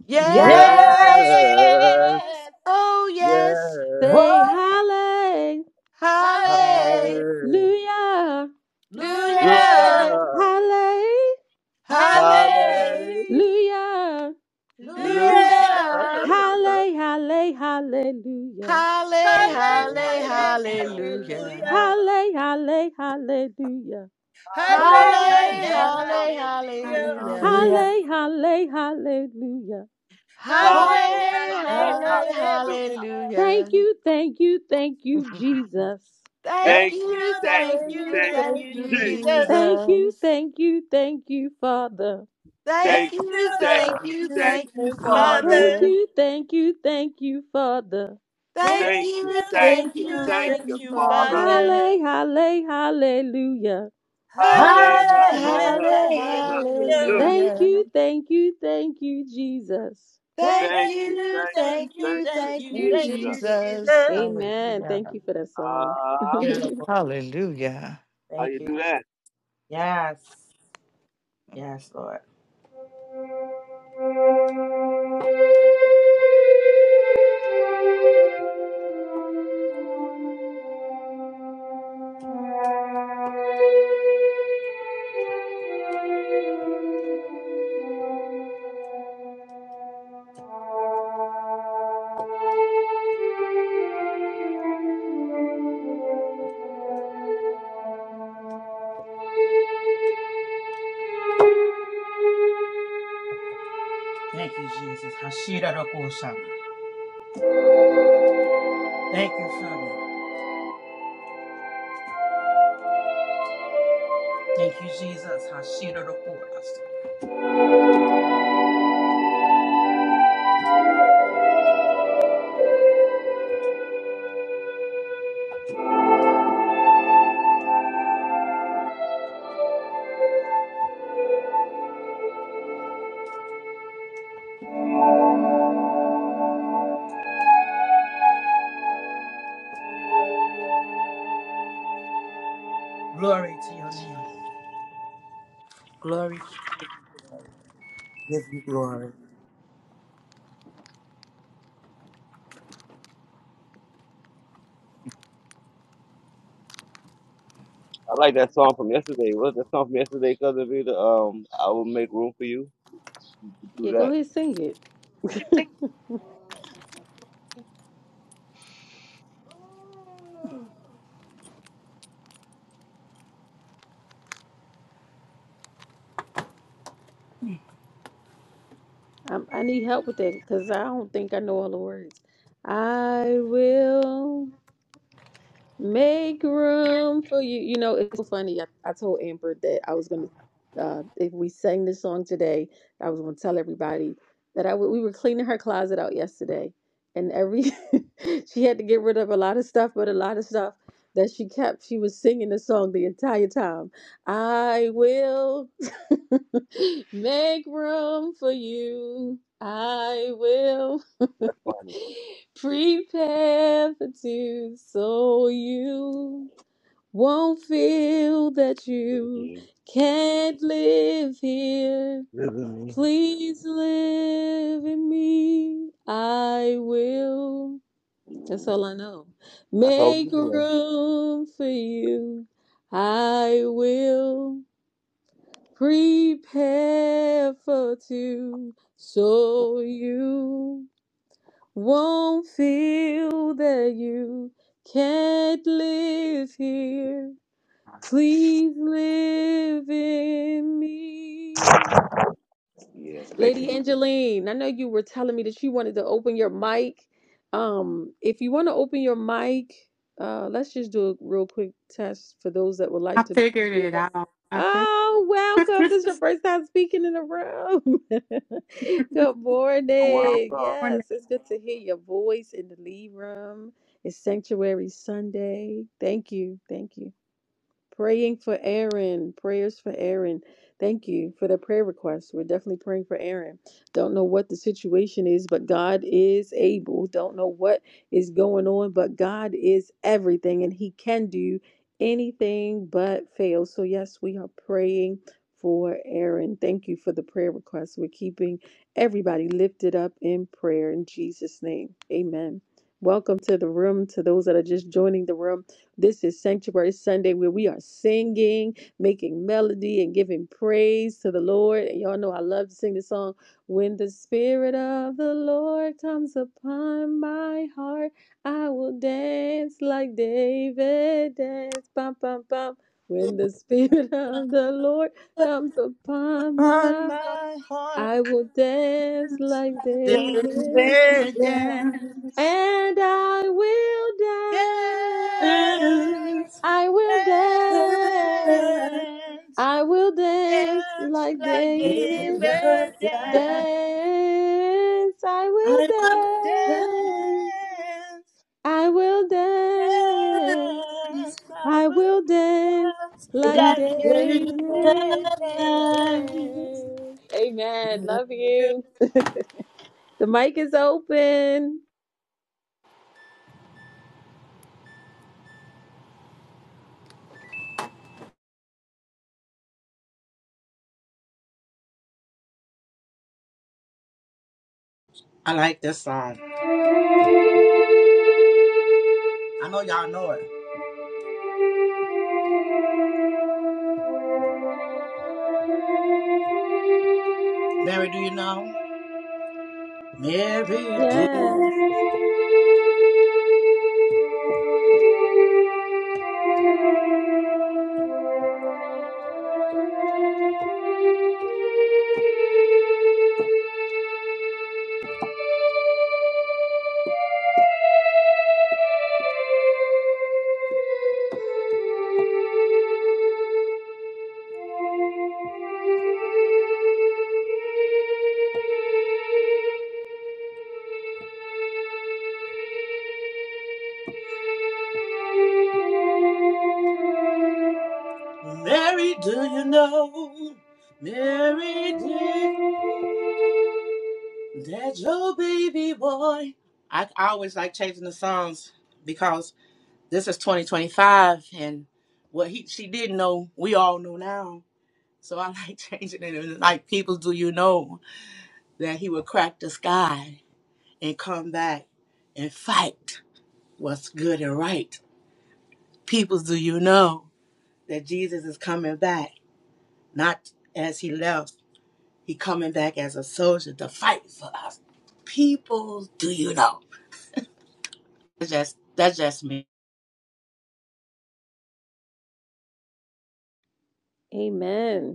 S2: Yes.
S7: Yes.
S6: Yes,
S5: Yes.
S2: Oh, yes.
S6: yes.
S1: Say
S7: Whoa.
S1: hallelujah.
S5: Halle,
S7: Hallelujah.
S2: Hallelujah.
S6: Hallelujah.
S5: Hallelujah!
S1: Hallelujah.
S5: Hallelujah!
S6: Hallelujah.
S7: Hallelujah.
S2: Hallelujah.
S1: Halle, halle, hallelujah.
S2: Halle,
S5: Halle,
S2: halle,
S6: Hallelujah.
S5: halle,
S6: Hallelujah.
S2: hallelujah.
S5: hallelujah!
S7: Hallelujah.
S1: Halle, halle, hallelujah.
S6: Hallelujah.
S5: Halle,
S6: Hallelujah.
S2: Halle,
S5: halle,
S7: Hallelujah.
S2: halle,
S5: hallelujah!
S2: hallelujah.
S7: Hallelujah.
S1: Halle, halle, hallelujah.
S6: Hallelujah.
S5: Halle,
S2: Halle,
S5: halle,
S2: halle,
S6: Hallelujah.
S5: hallelujah!
S2: hallelujah.
S1: Thank you, thank you, thank you, Jesus.
S2: Thank
S7: Thank
S6: Thank
S5: Thank
S6: you,
S2: you,
S5: you,
S6: thank
S5: thank
S2: thank
S6: you,
S5: you,
S7: you,
S2: you,
S6: thank
S5: thank
S7: thank
S2: thank
S5: you,
S7: you,
S6: you,
S2: you,
S6: Jesus.
S7: Jesus.
S5: Jesus.
S1: Thank you,
S2: Jesus.
S1: thank you, thank you, Father.
S7: Thank
S2: Thank
S6: Thank
S5: Thank
S6: you,
S7: you,
S2: you,
S5: you, thank
S2: thank
S6: thank
S7: thank
S6: you,
S5: you,
S2: you,
S7: you,
S6: thank
S5: thank
S2: thank you,
S7: thank
S5: you,
S6: you,
S7: you,
S6: Father.
S1: Thank
S2: Father.
S5: Father.
S1: you, thank you, thank you, Father.
S7: Thank
S2: Thank
S6: Thank
S5: Thank
S6: you,
S2: you,
S5: you,
S6: thank
S2: thank
S5: thank
S7: you,
S6: you,
S2: you,
S5: you,
S6: thank
S2: thank
S5: thank
S7: thank
S6: you,
S2: you,
S5: you,
S7: you.
S6: Father.
S5: Father.
S2: Father.
S1: Halle, halle, hallelujah.
S6: Hallelujah,
S2: Halle,
S5: Halle,
S7: Halle-
S5: halle,
S7: halle-
S2: halle,
S6: hallelujah,
S5: hallelujah!
S7: Hallelujah.
S6: hallelujah.
S1: Thank
S2: hallelujah.
S1: you, thank you, thank you, Jesus.
S7: Thank
S2: Thank
S6: Thank
S5: Thank
S6: you,
S5: you,
S2: you,
S6: thank
S5: thank
S6: you,
S2: thank
S5: you,
S2: you,
S6: thank
S5: thank
S6: you,
S2: thank
S5: you,
S2: you,
S7: thank you.
S5: thank
S6: Jesus.
S5: you,
S2: Jesus.
S5: Jesus.
S1: Amen.
S2: Hallelujah.
S1: Thank you for that song. *laughs*
S6: Ah,
S7: Beautiful.
S1: yeah,
S2: Hallelujah.
S6: how
S7: Thank
S6: you
S7: you.
S6: do that?
S7: Yes. Yes, Lord. Thank you, Jesus. Hashira Rokosha. Thank you, Father. Thank you, Jesus. Hashira Rokosha. Glory to your name. Glory to you. Give you glory.
S6: I like that song from yesterday. What's that song from yesterday, Cousin Vita? Um, I will make room for you. Do
S1: go
S6: that.
S1: ahead, sing it. *laughs* I'm, I need help with that because I don't think I know all the words. I will. Make room for you. You know, it's so funny. I, I told Amber that I was gonna, uh, if we sang this song today, I was gonna tell everybody that I w- we were cleaning her closet out yesterday, and every *laughs* she had to get rid of a lot of stuff, but a lot of stuff that she kept, she was singing the song the entire time. I will *laughs* make room for you. I will.
S6: That's
S1: *laughs* Prepare for two so you won't feel that you
S6: funny.
S1: can't live here.
S6: Visit
S1: Please live in me. I will. That's all I know.
S6: That's all
S1: Make
S6: you know.
S1: room for you. I will prepare for two so you won't feel that you can't live here. Please live in me.
S6: Yeah, thank you.
S1: Lady Angeline, I know you were telling me that you wanted to open your mic. Um, if you want to open your mic, uh, let's just do a real quick test for those that would
S8: I
S1: like to. be
S8: figured
S1: a
S8: it
S1: part-
S8: out. I figured.
S1: Oh, welcome. This is your first time speaking in the room. *laughs* good
S6: Wow,
S1: morning.
S6: God.
S8: *laughs*
S1: Yes, it's good to hear your voice in the lead room. It's Sanctuary Sunday. Thank you. Thank you. Praying for Aaron. Prayers for Aaron. Thank you for the prayer request. We're definitely praying for Aaron. Don't know what the situation is, but God is able. Don't know what is going on, but God is everything and He can do anything but fail. So, yes, we are praying for Aaron. Thank you for the prayer request. We're keeping everybody lifted up in prayer in Jesus' name. Amen. Welcome to the room to those that are just joining the room. This is Sanctuary Sunday where we are singing, making melody, and giving praise to the Lord. And y'all know I love to sing this song. When the Spirit of the Lord comes upon my heart, I will dance like David danced. Bum, bum, bum. When the Spirit of the Lord comes upon
S5: On
S1: my heart,
S5: my heart,
S1: I will dance like
S7: Give you glory.
S5: daily
S1: David
S5: dance,
S1: and I will
S5: dance,
S1: dance. I will dance.
S5: dance,
S1: I will dance
S5: dance
S1: like
S5: like
S7: There's a
S1: David.
S5: David,
S7: God.
S5: dance,
S1: Dance. I
S7: I will dance
S1: will dance.
S5: dance,
S1: I will dance.
S5: dance. I
S1: I
S5: will
S1: will dance
S5: dance
S1: like
S7: like
S5: like
S7: David.
S5: David,
S1: David.
S5: dance.
S1: Dance. Amen. Love you. The mic is open.
S7: I like this song. I know y'all know it. Mary, do you know? Mary, do
S1: Yes.
S7: Mary, do you know? Mary, dear, that your baby boy. I, I always like changing the songs because this is 2025, and what he she didn't know, we all know now. So I like *laughs* changing it. And like, people, do you know? that he would crack the sky and come back and fight what's good and right. Peoples, do you know that Jesus is coming back, not as he left, he coming back as a soldier to fight for us. People, do you know? That's just that's just me.
S1: Amen.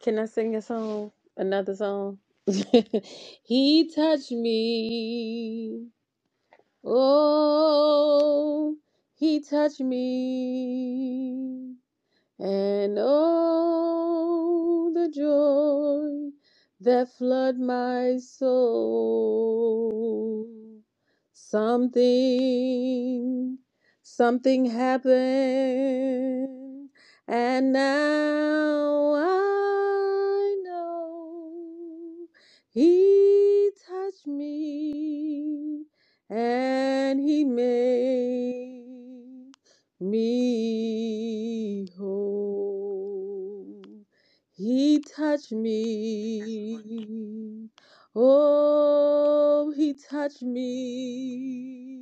S1: Can I sing a song? Another song? *laughs* he touched me. Oh, he touched me. And oh, the joy that flood my soul. Something, something happened, and now I know He touched me and He made me whole. He touched me. Oh, he touched me.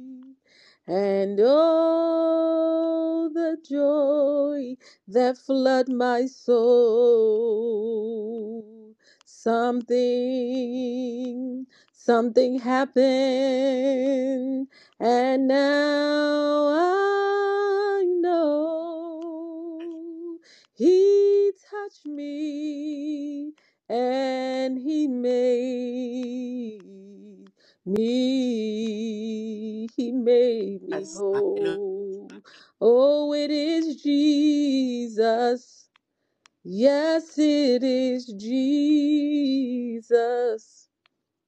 S1: And oh, the joy that flooded my soul. Something, something happened and now I know he touched me and he made me, he made me
S7: That's- hallelujah.
S1: whole. Oh, it is Jesus. Yes, it is Jesus.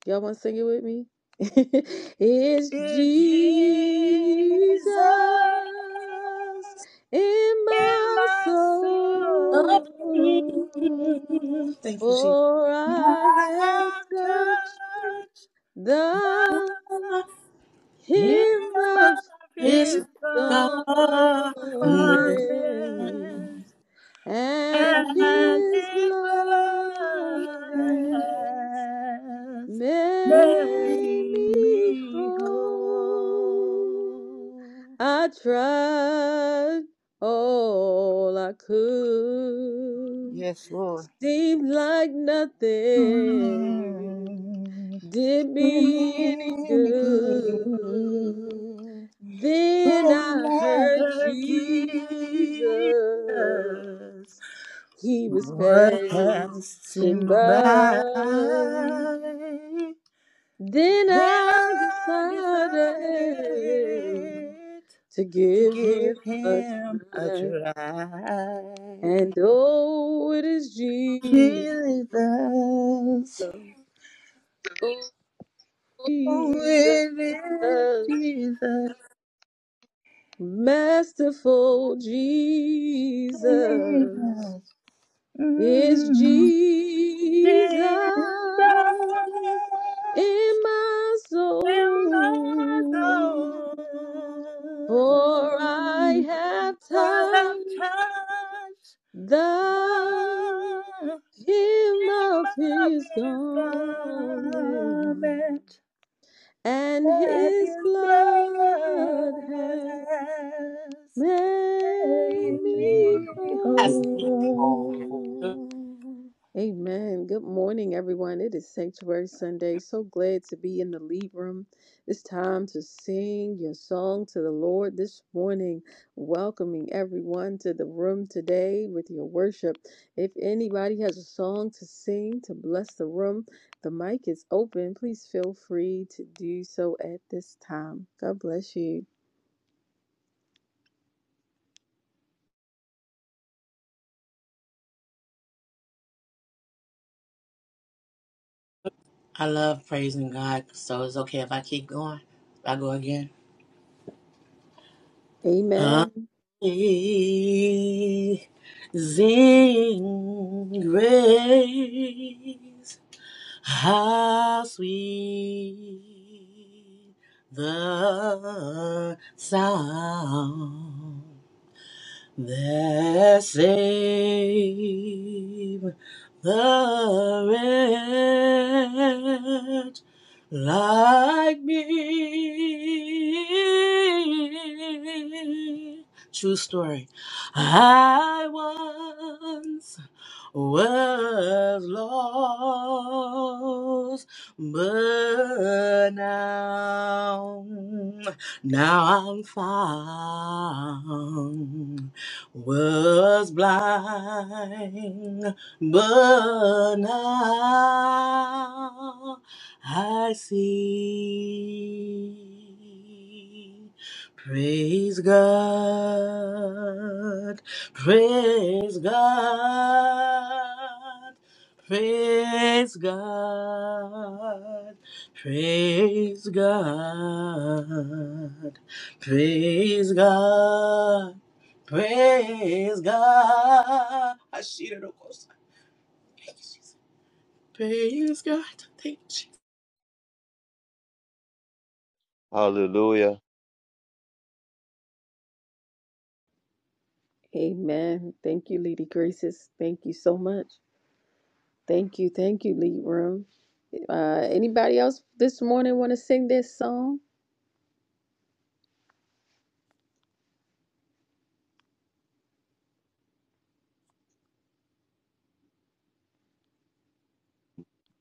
S1: Y'all want to sing it with me? *laughs* it's
S5: It's Jesus
S1: Jesus in
S5: in
S1: my
S5: my soul.
S1: soul,
S7: Thank you, Jesus.
S1: for I
S5: I
S1: have
S5: have
S1: touched
S5: touched the
S1: the
S7: Here
S1: hem
S5: hem
S1: of
S5: of
S7: is
S1: his
S5: his garment,
S1: garment,
S7: God.
S5: and
S1: and his
S5: his
S1: blood
S5: blood
S1: has.
S5: has
S1: Make
S5: made
S1: me
S5: me
S1: whole.
S5: whole.
S1: I tried all I could.
S5: Yes, Lord.
S1: Seemed like nothing
S5: Mm,
S1: did me any
S5: Remain
S1: good.
S5: good.
S1: Then
S5: When
S1: I
S5: I
S1: heard
S5: heard
S1: Jesus.
S5: Jesus,
S1: He was
S5: what
S1: passing
S5: passing by,
S1: by. Then
S5: then
S1: I
S5: I
S1: decided
S5: decided
S1: to
S5: to
S1: give him
S5: give
S1: a
S5: him a
S1: try.
S5: try.
S1: And oh, it is Jesus,
S5: Jesus.
S1: oh,
S5: Oh,
S1: Jesus,
S5: it is Jesus.
S1: masterful Jesus. It's
S5: Mm,
S1: Jesus
S5: Jesus
S1: in my
S5: in the
S1: soul. For I
S5: dawn.
S1: have
S5: I have
S1: touched
S5: touched the
S1: the
S5: hem
S1: hymn of
S5: of
S1: his
S5: his
S1: glory
S5: garment
S1: and
S5: and His
S1: his blood had
S5: blood. Take
S1: made me
S5: me
S7: Yes. yes.
S1: whole.
S5: home.
S1: Amen. Good morning, everyone. It is Sanctuary Sunday. So glad to be in the lead room. It's time to sing your song to the Lord this morning. Welcoming everyone to the room today with your worship. If anybody has a song to sing to bless the room, the mic is open. Please feel free to do so at this time. God bless you.
S7: I love praising God, so it's okay if I keep going. If I go again.
S1: Amen.
S7: Amazing grace, how sweet the sound that save the wretch like me. True story. I once was lost, but now, now I'm found was blind, but now I see. Praise God, praise God, praise God, praise God, praise God. Praise God. I see it, of course. Thank you, Jesus. Praise God. Thank
S6: Hallelujah.
S1: Amen. Thank you, Lady Graces. Thank you so much. Thank you. Thank you, Lead Room. Uh, anybody else this morning want to sing this song?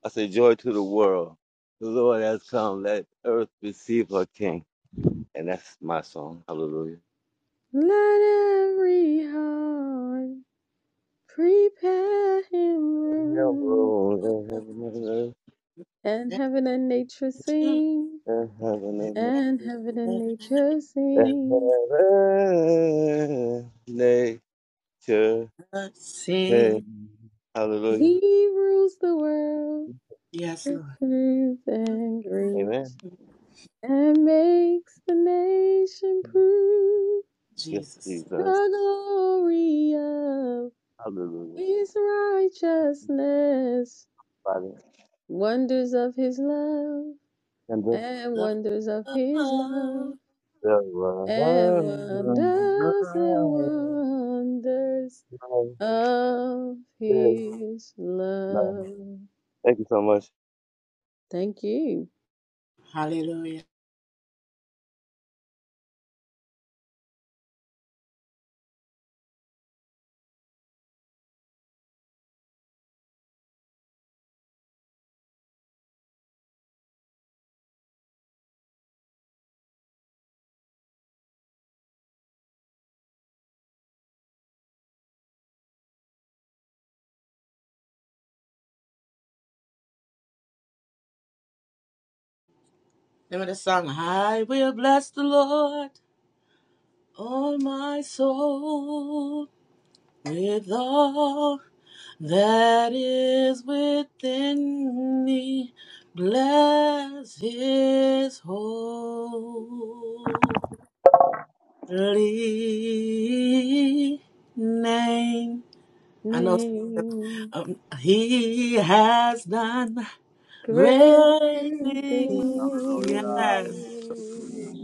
S6: I say joy to the world. The Lord has come. Let earth receive her king. And that's my song. Hallelujah.
S1: Let every heart prepare him
S6: Yeah,
S1: room,
S6: Lord, and heaven and earth,
S7: you,
S1: and heaven and nature
S7: Jesus.
S1: sing,
S6: in heaven
S7: Thank
S6: and earth.
S1: and heaven and nature
S6: And
S1: sing.
S6: heaven, nature,
S7: you,
S6: hey. Hallelujah.
S1: He rules the world
S7: Yes,
S1: with
S7: Lord.
S1: truth and
S6: Amen.
S1: grace, and makes the nation prove
S6: Yes,
S7: Jesus.
S1: the
S6: Jesus.
S1: glory of
S6: Hallelujah.
S1: his righteousness
S6: Father.
S1: Wonders of his love
S6: tender.
S1: and wonders of his love
S6: Thank
S1: and
S6: you
S1: wonders and wonders of his love.
S6: so much.
S1: Thank you.
S7: Hallelujah. Remember the song, I will bless the Lord, all my soul, with all that is within me. Bless his holy name. I know
S1: Name
S7: um, he has done
S1: great
S7: great things.
S2: He
S7: Yes,
S1: things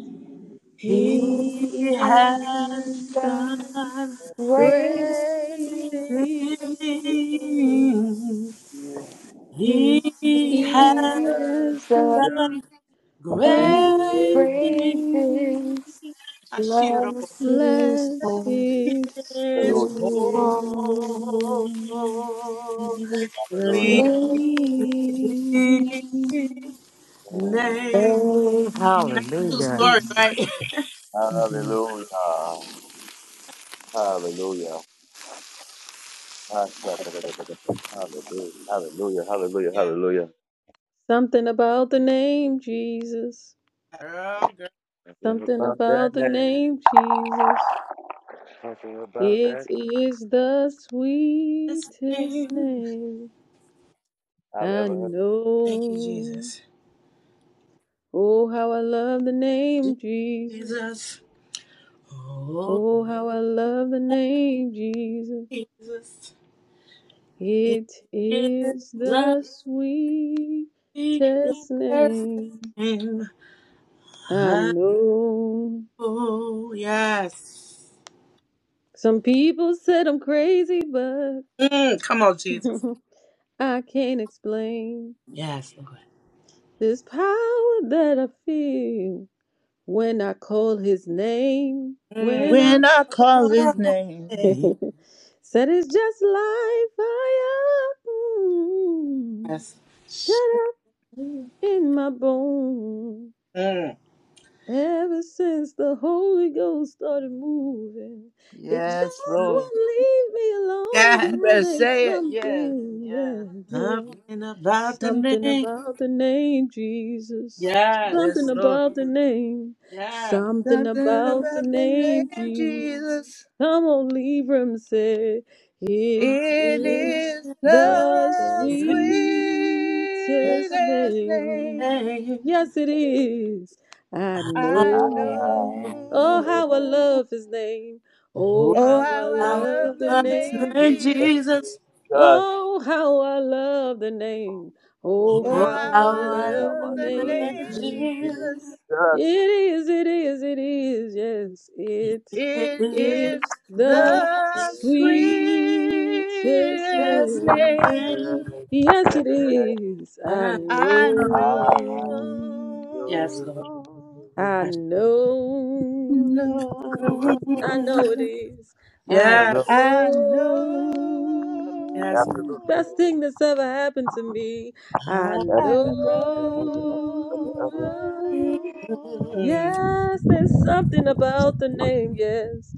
S7: he
S2: is
S1: he has
S7: has
S2: the
S1: done.
S7: done
S2: greatest.
S1: Great
S7: great
S1: things
S7: things.
S2: He
S7: He
S1: he
S7: has.
S2: has
S1: has done. Great
S2: done
S7: Great things
S2: great things.
S7: I see it all.
S2: Blessings
S1: bless
S2: home
S1: his
S6: Hallelujah.
S7: His
S1: holy
S2: his
S7: holy
S2: home.
S6: Hallelujah.
S1: name.
S7: name. And
S6: Mm.
S7: that's a true
S2: Hallelujah.
S7: story, right? *laughs*
S6: Hallelujah. Hallelujah. Hallelujah. Hallelujah. Hallelujah.
S7: Yeah.
S6: Hallelujah.
S1: Something about the name Jesus.
S7: Girl, girl,
S6: Nothing
S1: Something
S6: about that
S1: about the
S6: name.
S1: name Jesus.
S6: Nothing about
S1: It
S6: that
S1: is the
S7: his
S1: sweetest
S7: name.
S1: name
S6: I've
S1: I
S6: ever heard.
S7: Thank you,
S1: know.
S7: Jesus.
S1: Oh, how I love the name Jesus.
S7: Jesus. Oh,
S1: Oh, how I love the name Jesus.
S7: Jesus. It
S1: It
S7: is
S1: is
S7: the
S1: the sweetest
S7: best
S1: name
S7: name.
S1: I know.
S7: Oh, yes.
S1: Some people said I'm crazy, but
S7: Mm, come on, Jesus.
S1: I can't explain
S7: Yes, Lord.
S1: this power that I feel when I call his name.
S7: Mm,
S1: When
S5: When
S1: I
S5: I call his
S1: *laughs*
S5: name.
S7: Hey,
S1: said it's just like fire, mm,
S7: Yes.
S1: shut up in my bones.
S7: mm.
S1: Ever since the Holy Ghost started moving, it
S5: Yes,
S1: just
S5: Lord.
S1: won't leave me alone.
S7: Yes.
S5: You
S1: Girl,
S5: better
S1: there's
S5: say it. Yes,
S1: something,
S5: yes,
S1: yeah, yeah.
S7: Something about the
S1: Something
S7: name.
S1: about the name Jesus.
S7: Yes.
S1: Something
S5: yes, Lord.
S1: about the name.
S7: Yes.
S1: Something
S5: Something
S1: about the
S5: about the
S1: name
S5: name
S1: Jesus.
S5: Jesus.
S1: Come on, Libram say it
S5: It
S7: We
S1: is
S5: is
S6: So,
S1: the
S5: the
S6: so sweet.
S5: sweetest
S7: say.
S1: sweetest
S5: name
S1: name. Yes, it is. I
S6: I
S5: I
S1: know. Oh,
S6: love
S1: how I
S6: you.
S5: know.
S1: love his name. Oh,
S7: Oh,
S5: Oh,
S1: how I
S5: how I
S7: how
S5: love
S1: love the
S7: I
S5: the
S7: love this
S5: name
S1: name
S7: name,
S1: Jesus.
S5: Jesus.
S7: Jesus.
S6: Just
S1: Oh, how I love the name.
S6: Have
S1: Oh,
S6: I left?
S7: Oh,
S5: Oh,
S1: how
S5: how
S1: I
S7: how
S5: I
S7: I
S6: Oh,
S7: love
S6: have
S1: love the
S6: I
S5: love the
S7: the
S5: name
S1: name.
S7: name,
S6: learned
S1: Jesus.
S6: in
S5: Jesus.
S7: Jesus.
S1: It
S6: justice?
S1: is, it is, it is. Yes,
S7: It
S1: it
S5: It
S7: is the
S5: is
S1: is the
S7: love
S5: the
S7: we
S6: Absolutely.
S1: sweetest
S5: sweetest
S7: just
S6: Ever,
S1: name.
S7: name.
S5: name
S1: Yes, it is. I
S7: I
S5: I
S7: know.
S1: know.
S7: Yes,
S5: know.
S7: Lord.
S1: I
S7: I
S1: know,
S5: know,
S1: I know it is. I
S7: Yes.
S5: I
S1: know,
S7: Yes.
S1: best
S5: know.
S1: thing that's ever happened to me. I
S7: Hallelujah.
S5: I
S1: know,
S6: ever, ever, ever, ever, ever.
S5: know.
S1: yes, there's something about the name, yes,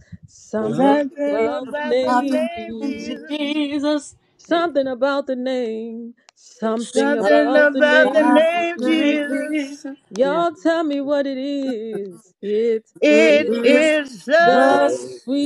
S6: Taking
S1: something
S5: Something
S7: Something
S1: about the
S5: about the
S1: name,
S7: happened
S5: name
S7: in
S1: Jesus.
S5: Jesus.
S7: Jesus. Hey.
S1: Something about the name, something
S5: Something
S1: about the
S5: about the
S1: name,
S5: name
S7: Something in
S1: Jesus.
S5: Jesus.
S7: Jesus. Yes.
S1: Y'all tell me what it is. It
S7: It
S5: It
S6: you.
S1: is
S7: is
S5: is
S6: Yeah.
S7: the
S1: the
S5: the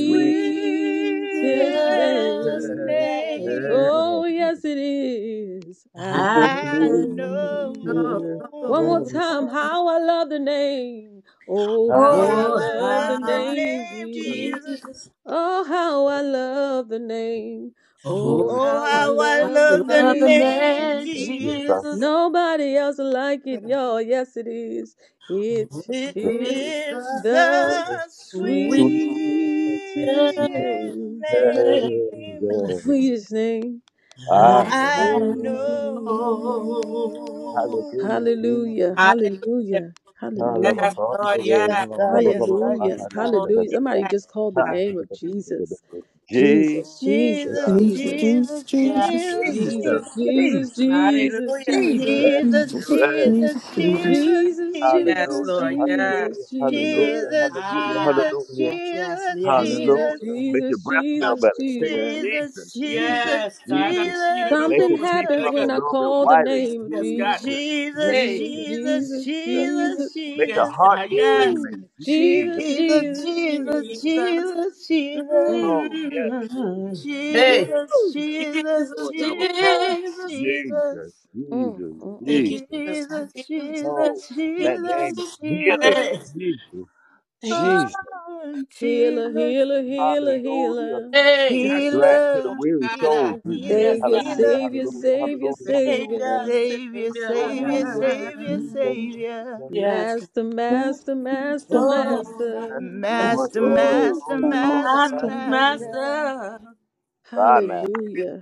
S5: sweetest
S7: sweetest
S1: name.
S7: name.
S5: name
S1: Oh, yes, it is. I
S7: I
S6: Just
S5: I
S6: me.
S1: know.
S7: know.
S6: Yeah.
S1: One more
S5: know.
S1: time. How I love the name. Oh,
S5: Oh,
S6: How
S1: how
S6: I'm
S1: I
S5: how
S7: Oh,
S5: I
S1: love the
S5: love the
S7: how
S1: name,
S5: name
S1: Jesus.
S5: Jesus.
S7: Jesus.
S1: Oh, how I love the name.
S6: supposed
S7: Oh,
S1: Oh,
S6: to.
S5: Oh,
S1: how I
S5: how I
S1: love the
S5: love the
S7: love the
S1: name.
S5: name
S7: name
S6: Yes, I
S7: Jesus.
S5: Jesus.
S1: Nobody else like it, y'all. Yes, it is. It
S7: Oh,
S5: It
S7: it is
S1: is
S5: is
S7: the
S1: the
S5: the
S6: Should
S7: sweetest
S1: sweetest
S5: sweetest
S1: name,
S7: Hallelujah.
S6: and,
S5: name.
S6: uh,
S1: sweetest name
S6: ah,
S1: I
S5: I know.
S1: know.
S6: Hallelujah, Jesus.
S1: Hallelujah,
S6: Jesus.
S1: hallelujah,
S7: Yes,
S1: hallelujah,
S7: Lord,
S5: Yes,
S7: yes.
S5: God, yes, God,
S1: hallelujah,
S5: yes, God.
S7: Lord,
S1: hallelujah. Somebody just called the
S7: yes.
S1: name of Jesus. Jesus, Jesus,
S5: Jesus,
S3: Jesus,
S1: Jesus,
S3: Jesus,
S5: Jesus,
S7: Yes.
S3: Jesus,
S9: Jesus,
S5: Jesus,
S1: Jesus, Jesus,
S9: Jesus,
S6: E
S1: Jesus,
S7: Hallelujah.
S1: Jesus.
S9: Jesus.
S6: S
S5: Jesus,
S6: U
S3: Jesus,
S6: S.
S3: Jesus,
S5: Jesus,
S3: Jesus.
S5: Jesus,
S1: Jesus,
S5: Jesus,
S7: Yes,
S1: Jesus,
S6: Hallelujah,
S7: Lord, yes.
S6: hallelujah,
S1: Jesus, Jesus,
S6: hallelujah,
S5: Jesus,
S6: hallelujah,
S7: Ah,
S5: Jesus,
S6: hallelujah,
S7: yes, yes,
S5: Jesus,
S7: yes.
S1: Jesus,
S5: Jesus.
S6: hallelujah. Make
S1: Jesus,
S6: your breath
S7: God,
S6: smell
S1: Jesus,
S6: better. Say
S1: Jesus.
S6: Jesus,
S5: Jesus,
S6: Jesus,
S5: Jesus,
S7: yes, God, I've
S6: Jesus.
S7: seen it
S5: Jesus,
S6: Make
S7: before.
S6: his
S1: Something
S6: teeth
S1: happens
S6: look a
S1: when I
S6: little bit
S1: call the
S6: wider.
S7: Jesus,
S1: name of
S7: yes,
S6: Jesus,
S7: God.
S1: Jesus.
S5: Jesus,
S7: Hey,
S1: Jesus,
S6: Jesus,
S5: Jesus,
S1: Jesus,
S6: Jesus.
S7: mm,
S1: Jesus.
S6: Make the
S7: yes,
S6: heart
S7: God,
S6: beat
S7: yes,
S1: Ooh.
S6: regulate.
S5: Jesus, Jesus, Jesus,
S6: Jesus,
S1: Jesus,
S5: Jesus,
S1: Jesus,
S6: Jesus,
S5: Jesus, Jesus,
S1: Jesus.
S6: Jesus.
S7: Jesus.
S5: Jesus, Jesus,
S1: Mm.
S6: Oh, yes,
S7: Mm.
S6: Jesus,
S7: Hey.
S6: Jesus.
S5: Jesus,
S1: Ooh.
S5: Jesus,
S7: Jesus,
S6: Lord, our soul.
S5: Jesus,
S7: Jesus.
S6: Jesus,
S5: Jesus.
S1: Mm,
S6: Jesus,
S1: mm,
S7: Thank
S1: mm.
S7: you,
S6: Jesus.
S7: Jesus.
S5: Jesus,
S7: Jesus,
S6: Oh,
S5: Jesus,
S6: that name is
S5: Jesus,
S7: Jesus.
S6: healing.
S7: Hey.
S5: Jesus.
S6: Jesus,
S7: Thank you.
S6: Jesus.
S5: Oh,
S1: Healer,
S5: Jesus,
S1: healer, healer,
S6: Hallelujah.
S1: healer.
S7: Hey.
S6: Grasp to the
S5: healer,
S6: weary
S7: Hashirabosara.
S6: soul,
S5: healer,
S6: Jesus.
S5: healer,
S7: Yes,
S1: Savior,
S7: God.
S6: Hallelujah,
S5: healer.
S1: Savior,
S10: Master,
S6: hallelujah,
S1: Savior,
S6: hallelujah, hallelujah,
S7: Savior,
S1: Savior.
S5: Savior,
S7: Savior.
S6: hallelujah,
S5: Savior,
S6: hallelujah.
S5: Savior,
S6: Jesus,
S5: Savior.
S6: Jesus.
S7: Yes, God.
S1: Master, Master, Master,
S7: Oh, my
S6: Yes,
S1: Master.
S10: master,
S6: Lord,
S5: Master,
S6: Lord,
S5: Master,
S6: Lord,
S10: master,
S6: Lord,
S5: Master,
S10: master,
S7: Master,
S10: master.
S6: Master, me,
S5: Master.
S7: Master.
S6: thy Master,
S1: Hallelujah,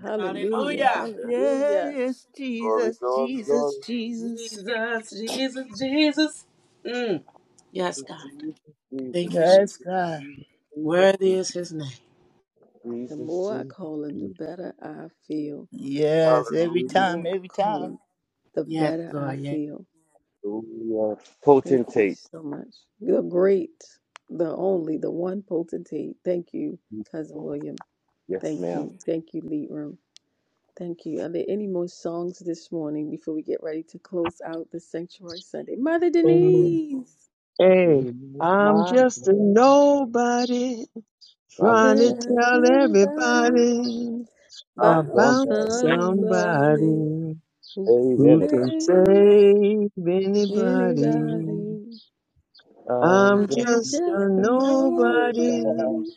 S6: my
S1: hallelujah,
S7: Hallelujah.
S6: Master.
S1: hallelujah.
S5: Yes,
S6: Glory,
S5: Jesus,
S6: glory, glory.
S5: Jesus, Jesus.
S7: Jesus, Jesus, Jesus. Mm. Yes, God.
S6: Jesus, Jesus, Jesus,
S7: Thank you, Jesus.
S6: Jesus,
S5: Yes, God.
S6: Jesus,
S7: Worthy is his name.
S1: The
S6: Jesus,
S1: more I
S6: Jesus.
S1: call him, the
S6: Jesus.
S1: better I feel.
S5: Yes, every
S1: The
S6: Hallelujah,
S1: more
S5: time,
S1: I
S5: every
S1: call
S5: time.
S1: him, the
S7: Yes,
S1: better I
S7: Lord. Yes.
S1: feel.
S6: hallelujah.
S1: Thank you
S6: Potentate.
S1: so much. The great, the only, the one potentate. Thank you, Cousin William.
S6: Yes,
S1: Thank
S6: ma'am.
S1: you. Thank you, Lead Room. Thank you. Are there any more songs this morning before we get ready to close out the Sanctuary Sunday? Mother
S4: Amen.
S1: Denise,
S6: He
S4: Hey,
S6: is
S4: I'm
S6: my
S4: just a
S6: man.
S4: nobody
S6: My
S4: trying to
S6: little
S1: tell
S4: tell
S1: everybody
S4: everybody
S6: house,
S1: about
S4: about
S6: somebody
S1: somebody.
S4: somebody.
S1: Who can
S6: save
S4: Who
S6: anything.
S4: can
S1: save
S4: save anybody?
S1: anybody?
S6: Um,
S4: I'm
S6: just
S1: I'm
S4: just a
S1: just a
S6: before
S4: nobody
S6: that,
S1: nobody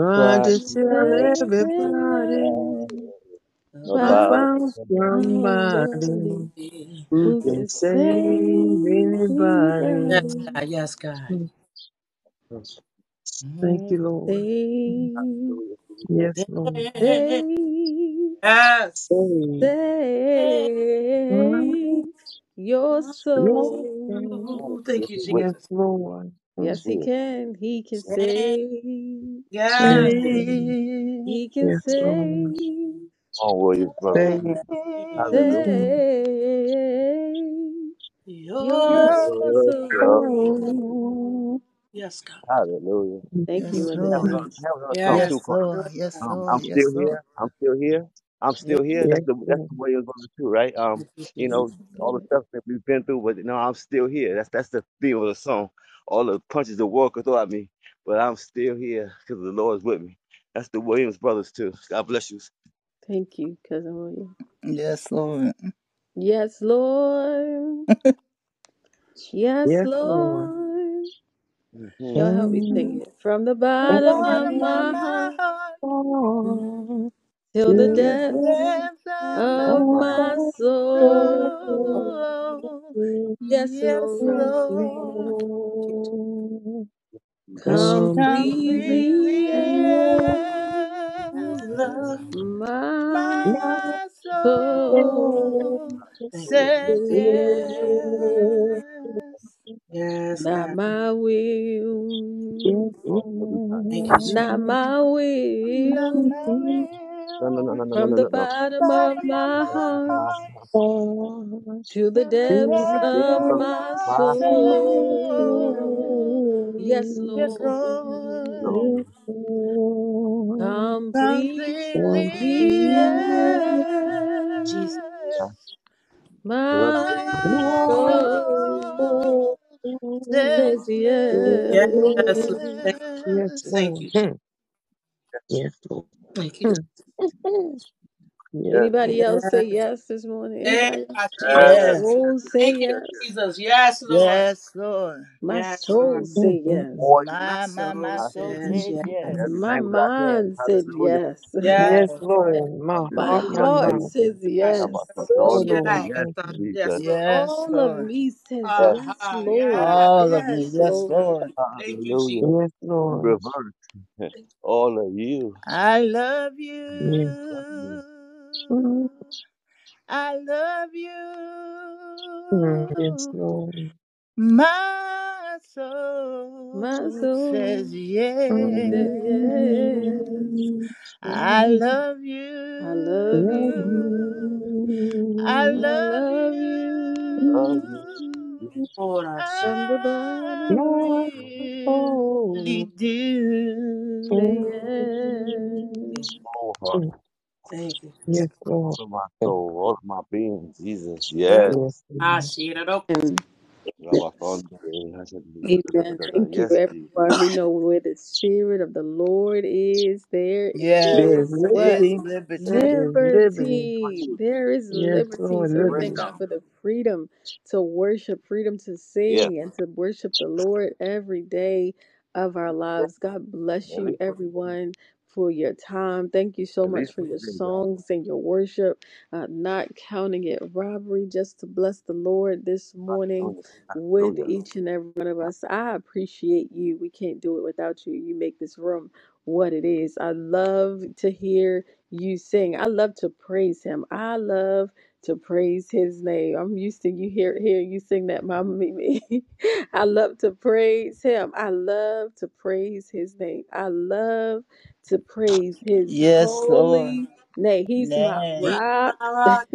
S6: I tried
S4: to
S1: trying to
S6: to
S4: tell
S1: tell
S6: tell everybody
S1: everybody
S4: everybody
S7: Above
S1: about
S6: about
S4: about
S6: about
S1: somebody
S4: somebody
S7: me.
S1: who
S4: who
S6: me.
S4: can
S1: can save
S6: Thank
S4: save
S7: Yes,
S4: anybody.
S1: anybody.
S7: God. Yes, God.
S6: you,
S4: Thank
S7: Mm,
S4: you, Lord.
S1: Save,
S6: Hallelujah, for you that
S4: Yes, Lord.
S1: save,
S7: Yes.
S4: Save.
S7: Oh,
S1: save your
S4: Yes, Lord.
S1: soul.
S6: rule
S7: Thank
S6: with
S7: you,
S6: me, with
S4: Yes,
S7: Jesus.
S4: Lord.
S1: Yes, he can. He can save.
S7: Yes.
S1: He can
S4: Yes, Lord.
S1: save.
S6: Come on, William, brother.
S4: Save.
S6: Hallelujah.
S1: Save your
S7: Yours.
S6: Yes, sir.
S1: soul.
S4: Oh,
S7: Yes, God.
S6: Hallelujah.
S4: yes,
S1: Thank you,
S5: Yes,
S1: Mother
S6: Have
S5: Lord.
S6: another,
S1: Denise.
S6: have another song too.
S5: Yes,
S7: Yes.
S6: called
S5: Lord.
S7: Hallelujah.
S5: Yes,
S6: Um,
S5: Lord.
S6: I'm still
S5: Yes, Lord.
S6: here. I'm still here. I'm
S7: Yes,
S6: still here. That's the that's
S4: Lord.
S6: the Williams it's too, right? Um,
S7: Thank you,
S6: you
S1: Thank
S6: know,
S7: Jesus.
S1: you,
S6: all the
S1: Lord.
S6: stuff that we've been through, but you know, I'm still here. That's that's the theme of the song. All the punches the world could throw at me, but I'm still here because the Lord's with me. That's the Williams brothers too. God bless you.
S1: Thank you, Cousin William.
S5: Yes, Lord.
S1: Yes, Lord. Yes,
S4: Yes, Lord.
S1: Lord.
S6: hmm
S1: Y'all help me sing
S4: And
S5: From
S1: it. From the
S5: the
S1: bottom
S4: every
S1: of
S5: bottom of
S1: my
S5: my
S1: heart
S5: heart
S1: mhm,
S4: song
S1: till
S5: to
S1: the
S6: Still
S4: to
S6: here.
S4: the
S5: the
S1: depths
S4: God
S5: depths of
S7: Thank
S1: of
S5: my
S4: of
S1: my
S4: all glory.
S1: soul.
S5: soul.
S1: Yes,
S5: Yes,
S1: Lord.
S5: Lord.
S7: you, Jesus. I see
S6: Jesus.
S4: Complete
S5: Completely
S1: Completely, yes.
S4: healing,
S7: you,
S5: yes.
S7: love.
S6: Hallelujah,
S1: My
S4: my
S5: My
S1: So
S4: soul
S5: soul
S7: Thank you, Jesus.
S6: Jesus.
S5: says
S4: is
S1: will,
S5: yes.
S4: yours.
S7: Yes,
S1: not
S7: God.
S1: my will,
S4: Just
S6: You Every time,
S7: Thank
S6: God.
S7: you, Jesus.
S1: not my
S5: Not my
S1: will.
S4: now.
S6: No, no, no,
S5: will,
S6: no, no,
S1: From
S6: no,
S1: the
S6: no, no, no.
S1: bottom
S5: but
S1: of
S5: my,
S1: my
S5: my
S6: My,
S1: heart
S5: heart
S6: my,
S4: Thanks
S1: to
S5: to
S1: the
S5: the
S4: be
S1: depths
S4: to
S5: depth
S1: of
S5: of
S4: God
S1: my
S5: my
S4: for my
S1: soul.
S5: soul.
S1: Yes,
S5: Yes,
S4: sins.
S1: Lord,
S4: Yes,
S6: no.
S5: Lord,
S4: Lord.
S1: completely
S5: completely
S4: Thanks be to
S1: yes.
S7: Jesus.
S6: Yeah.
S5: yes.
S6: I love you.
S1: My
S5: My
S4: God
S1: soul
S4: for
S5: soul
S4: my
S1: says
S5: says
S7: Yes, Lord.
S1: yes.
S7: Thank you,
S4: sins. Yes,
S7: Jesus.
S5: yes.
S7: Thank
S4: Lord.
S7: you, Jesus.
S4: Hmm. Yes, Lord.
S7: Thank you.
S4: Hmm.
S6: Yes,
S4: Hmm. Yes,
S6: yes,
S4: Lord.
S1: Anybody
S6: Jesus.
S1: else say yes this morning?
S7: Hey,
S1: Anybody
S7: I
S1: else?
S7: see
S6: yes,
S7: it.
S5: Yes,
S6: yes,
S1: Soul
S6: yes,
S1: say
S6: yes,
S7: Thank you,
S6: yes,
S1: yes.
S7: Jesus. Yes, Lord.
S5: yes, Lord.
S1: My
S7: Yes, Lord.
S6: yes.
S1: soul
S4: Hmm,
S1: say
S4: hmm,
S1: yes.
S4: hmm.
S6: For you,
S7: My
S5: My, my,
S7: soul
S5: my
S6: I speak
S5: soul
S4: Hmm,
S7: says
S5: says
S7: yes.
S4: hmm,
S5: yes.
S4: hmm.
S6: every
S1: My
S6: language I can.
S1: mind said
S6: Hallelujah,
S1: yes. *laughs*
S5: Yes,
S4: Yes,
S7: Yes, Lord.
S4: Lord. My
S1: My
S4: heart, my
S6: hallelujah,
S1: heart
S4: mouth.
S6: Jesus.
S1: says
S7: I My
S6: How about my
S1: yes.
S7: terrible
S4: Oh,
S6: son?
S7: shit
S4: Lord.
S7: like a
S6: Yes,
S4: Thank
S7: son.
S4: you.
S6: Jesus.
S7: Yes, Lord.
S5: yes,
S1: All of
S5: Lord.
S1: me says
S6: Yes,
S7: Ha
S1: yes,
S7: ha.
S1: Lord.
S7: Yes,
S5: All
S7: Lord.
S5: of me.
S1: Yes,
S5: Yes,
S1: Lord.
S5: Lord.
S7: Thank you, Jesus.
S6: hallelujah.
S4: Yes,
S6: In
S4: Lord.
S6: reverse,
S7: Thank
S6: *laughs* all of you.
S5: I love
S4: Yes.
S6: Love you.
S5: you.
S4: Hmm.
S5: I love
S4: Yes,
S5: you.
S4: Lord.
S5: My
S1: My
S5: soul
S1: soul
S5: says yes.
S4: Not
S1: says
S4: all
S1: yes.
S5: I
S1: Yes.
S4: things.
S5: love
S1: I love
S5: you.
S1: you.
S5: I
S1: I
S5: love
S1: love
S5: you.
S1: you.
S6: Love you.
S7: you, Lord. our Jesus.
S1: From the
S5: I
S1: bottom of my
S5: really
S1: say
S5: do.
S1: yes.
S6: all of my,
S7: Thank you, Jesus.
S4: Yes, Lord.
S6: all of my soul, all of my being, Jesus,
S4: Yes,
S7: Mm.
S6: yes.
S4: Lord.
S7: I see it up.
S1: Amen.
S6: Rabathon,
S1: Amen. Thank you,
S6: Yes, Jesus.
S1: everyone. We know where the Spirit of the Lord is, there
S5: Yes,
S4: There is
S1: is what?
S5: it's
S4: liberty. There
S5: liberty.
S4: is liberty.
S1: Liberty. There is
S4: Yes,
S1: liberty.
S4: Lord,
S1: So we
S6: Freedom.
S4: liberty.
S1: thank God for the freedom to worship, freedom to
S6: Yes.
S1: sing, and to worship the Lord every day of our
S6: yes.
S1: lives. God bless
S6: At
S1: you,
S6: least put it in.
S1: everyone. For your time. Thank you so
S6: At
S1: much
S6: least
S1: for
S6: put
S1: your
S6: it in,
S1: songs and your worship. Uh, not counting it robbery, just to bless the Lord this morning
S6: God.
S1: with
S6: Hallelujah.
S1: each and every one of us. I appreciate you. We can't do it without you. You make this room what it is. I love to hear you sing. I love to praise him. I love to praise his name. I'm used to you hear hearing you sing that, Mama Mimi. *laughs* I love to praise him. I love to praise his name. I love to praise his
S5: Yes, Lord.
S1: holy name. He's my
S5: Name
S7: He's my
S1: rock,
S7: rock.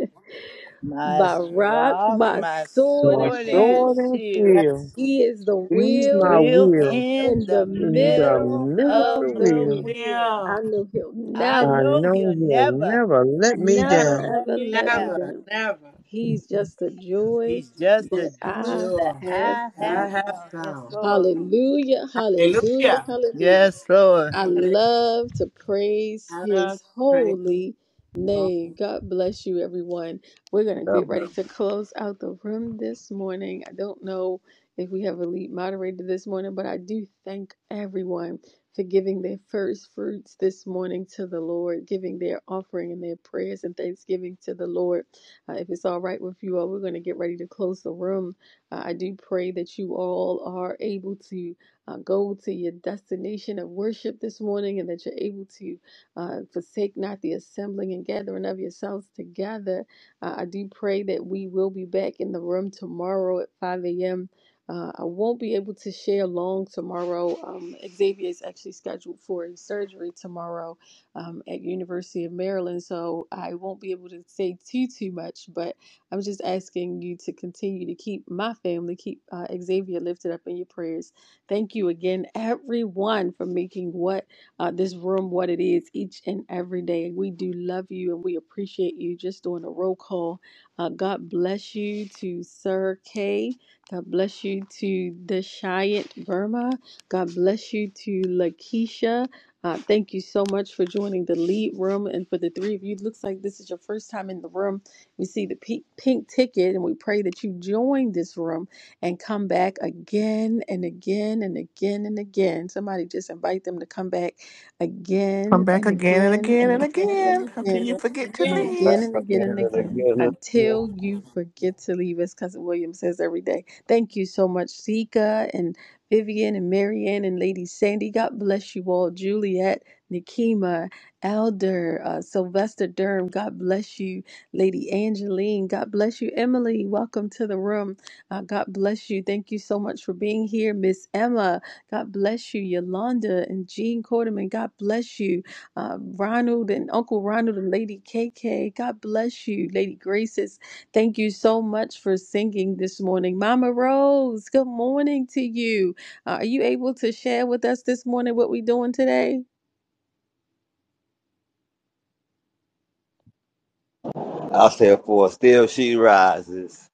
S5: my
S1: my rock,
S5: rock,
S1: my
S5: my
S1: sword
S4: My
S1: and
S5: sword
S1: shield.
S5: and
S4: soul and
S5: shield.
S4: feel.
S7: Yes.
S1: He is the
S4: He's my
S1: will
S5: Will
S4: will.
S5: in
S1: in the
S5: the
S4: In the
S1: middle
S5: middle
S4: middle
S1: of
S4: of
S5: of
S4: the
S1: the
S5: the
S1: wheel.
S4: wheel.
S5: wheel.
S7: Real.
S1: I know he'll
S5: I
S4: I
S1: never,
S5: know he'll
S4: know he'll
S5: never,
S4: never let me
S5: never
S1: never,
S4: down.
S5: let
S1: ever
S5: me
S1: let me
S5: down.
S7: Never,
S1: down.
S7: never.
S1: He's just the joy
S5: He's just the
S1: that
S5: Jew
S1: I
S5: that
S7: Jewel.
S1: have
S5: I have
S7: I
S1: found.
S7: have
S5: found. Yes,
S7: found.
S5: Lord.
S1: Hallelujah, hallelujah,
S7: Hallelujah.
S1: hallelujah.
S5: Yes, Lord.
S1: I love to praise
S7: I
S1: his
S7: praise.
S1: holy
S7: Oh,
S1: name. God bless you, everyone. We're going to
S6: God
S1: get
S6: bless
S1: ready to close out the room this morning. I don't know if we have a lead moderator this morning, but I do thank everyone for giving their first fruits this morning to the Lord, giving their offering and their prayers and thanksgiving to the Lord. Uh, if it's all right with you all, we're going to get ready to close the room. Uh, I do pray that you all are able to uh, go to your destination of worship this morning and that you're able to uh, forsake not the assembling and gathering of yourselves together. Uh, I do pray that we will be back in the room tomorrow at 5 a.m. Uh, I won't be able to share long tomorrow. Um, Xavier is actually scheduled for a surgery tomorrow um, at University of Maryland, so I won't be able to say too too much. But I'm just asking you to continue to keep my family, keep uh, Xavier lifted up in your prayers Thank you again, everyone, for making what uh, this room what it is each and every day. We do love you and we appreciate you. Just doing a roll call. Uh, God bless you to Sir K. God bless you to Deshayant Verma. God bless you to Lakeisha. Uh, thank you so much for joining the lead room. And for the three of you, it looks like this is your first time in the room. We see the pink, pink ticket and we pray that you join this room and come back again and again and again and again. Somebody just invite them to come back again
S3: Come back
S1: and
S3: again and
S1: again
S3: again
S1: and
S3: and
S1: again and
S3: again until
S1: again
S3: you forget to
S1: and
S7: yeah.
S1: again
S3: leave.
S1: and
S6: that
S1: again
S6: again
S1: and
S6: and again.
S1: again
S6: and
S1: until
S6: again.
S1: you forget to leave, as Cousin William says every day. Thank you so much, Zika and Vivian and Marianne and Lady Sandy. God bless you all. Juliet, Nikema, Elder, uh, Sylvester Durham. God bless you, Lady Angeline. God bless you, Emily. Welcome to the room. Uh, God bless you. Thank you so much for being here, Miss Emma. God bless you, Yolanda and Jean Quarterman. God bless you, uh, Ronald and Uncle Ronald and Lady KK. God bless you, Lady Graces. Thank you so much for singing this morning, Mama Rose. Good morning to you. Uh, are you able to share with us this morning what we're doing today?
S6: I said, for still she rises.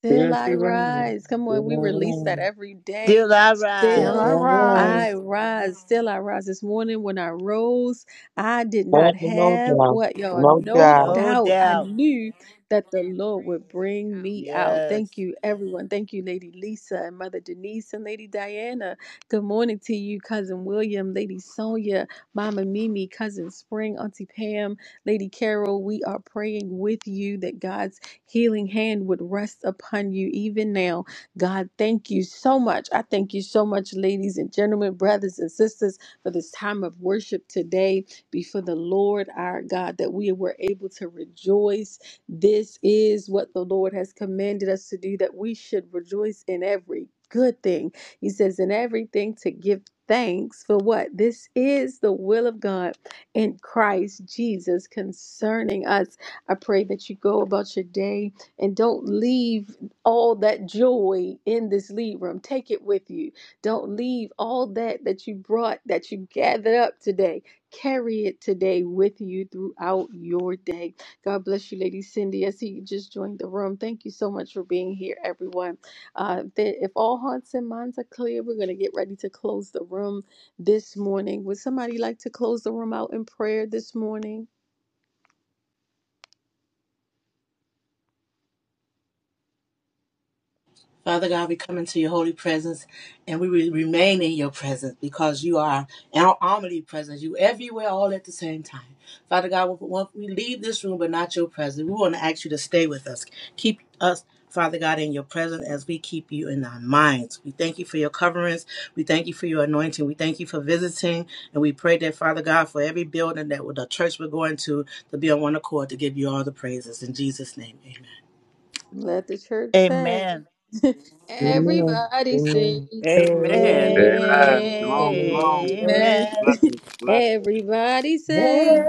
S1: Still
S4: Still
S1: I
S4: she
S1: rise.
S4: runs,
S1: Come on,
S4: still
S1: we
S4: I
S1: release that
S4: run,
S1: every day.
S5: Still I
S4: still
S3: Still
S4: I
S5: rise.
S3: I
S1: Still
S4: run.
S1: I
S3: rise.
S1: rise. Still I rise. This morning when I rose, I did
S4: Oh,
S1: not
S4: no
S1: have
S4: doubt,
S1: what y'all
S4: no
S1: no
S4: doubt.
S5: No
S1: doubt I
S5: doubt.
S1: knew that the Lord would bring me out.
S5: Yes.
S1: Thank you, everyone. Thank you, Lady Lisa and Mother Denise and Lady Diana. Good morning to you, Cousin William, Lady Sonia, Mama Mimi, Cousin Spring, Auntie Pam, Lady Carol. We are praying with you that God's healing hand would rest upon you even now. God, thank you so much. I thank you so much, ladies and gentlemen, brothers and sisters, for this time of worship today before the Lord our God, that we were able to rejoice. This is what the Lord has commanded us to do, that we should rejoice in every good thing. He says, in everything to give thanks for what? This is the will of God in Christ Jesus concerning us. I pray that you go about your day and don't leave all that joy in this lead room. Take it with you. Don't leave all that that you brought, that you gathered up today. Carry it today with you throughout your day. God bless you, Lady Cindy. I see you just joined the room. Thank you so much for being here, everyone. Uh, th- if all hearts and minds are clear, we're going to get ready to close the room this morning. Would somebody like to close the room out in prayer this morning?
S7: Father God, we come into your holy presence and we will remain in your presence because you are our omnipresence. You everywhere all at the same time. Father God, we we leave this room but not your presence. We want to ask you to stay with us. Keep us, Father God, in your presence as we keep you in our minds. We thank you for your coverings. We thank you for your anointing. We thank you for visiting. And we pray that, Father God, for every building that the church we're going to, to be on one accord to give you all the praises. In Jesus' name, amen.
S1: Let the church say.
S5: Amen.
S1: *laughs*
S4: Amen,
S1: Everybody
S4: amen.
S1: say
S2: Baby,
S1: amen.
S9: Amen.
S6: Amen. Shalom, shalom. Blessings,
S5: Amen.
S6: blessings,
S1: *laughs*
S6: blessings.
S1: Everybody
S7: Amen.
S1: say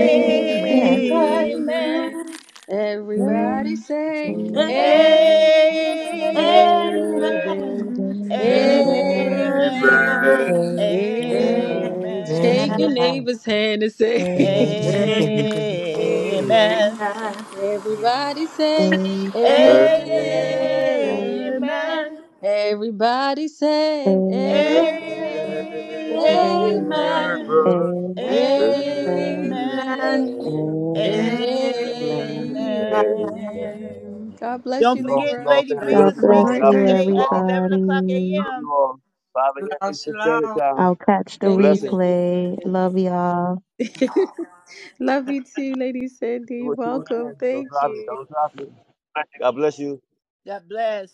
S3: Amen.
S7: Amen.
S11: Mm,
S9: Amen.
S1: Everybody
S11: mm, mm,
S1: say
S11: mm,
S9: Amen.
S1: amen.
S11: mm,
S7: Amen. Amen.
S5: Amen.
S11: mm,
S2: baby,
S3: Amen.
S6: Amen.
S11: mm,
S3: Amen.
S5: Amen.
S7: Amen.
S1: Amen.
S9: Amen.
S11: mm,
S7: Amen.
S1: amen. Shake your
S3: Amen.
S5: Amen.
S1: neighbor's hand and
S11: mm,
S1: say *laughs*
S3: Amen.
S11: mm,
S7: Amen.
S3: Amen.
S2: baby.
S1: amen.
S5: Amen.
S6: Amen.
S1: Everybody say Amen.
S3: Amen.
S6: Amen.
S5: Amen.
S1: Everybody say
S6: You
S1: amen.
S5: Amen.
S1: Amen.
S5: Amen.
S1: Amen.
S7: Amen.
S11: mm.
S7: Amen.
S11: Amen, amen, amen,
S5: Amen.
S1: Amen. God bless
S5: Don't
S1: you,
S6: all,
S5: forget
S6: you
S1: Libra.
S6: all
S5: Lady
S6: family,
S7: Bless
S11: God
S6: love
S5: Vita
S6: you
S3: Have a
S6: all.
S11: bless
S5: speaking
S3: great
S6: God
S11: you,
S6: bless
S3: day.
S5: today
S6: you
S5: at
S6: all.
S5: 11 o'clock
S11: everybody.
S6: Love you
S5: a.m.
S6: all. Five
S7: you,
S6: a.m.
S7: Lord.
S6: it's the Saturday
S7: Shalom.
S6: time.
S11: I'll catch the
S1: Thank you,
S6: Blessings.
S1: Lady
S11: replay.
S1: Amelia.
S11: Love y'all.
S1: *laughs* Love you too, Lady Sandy.
S6: With two
S1: Welcome.
S6: hands. Don't
S1: Thank
S6: drop it.
S1: you.
S6: Don't drop it. God bless you.
S5: God bless.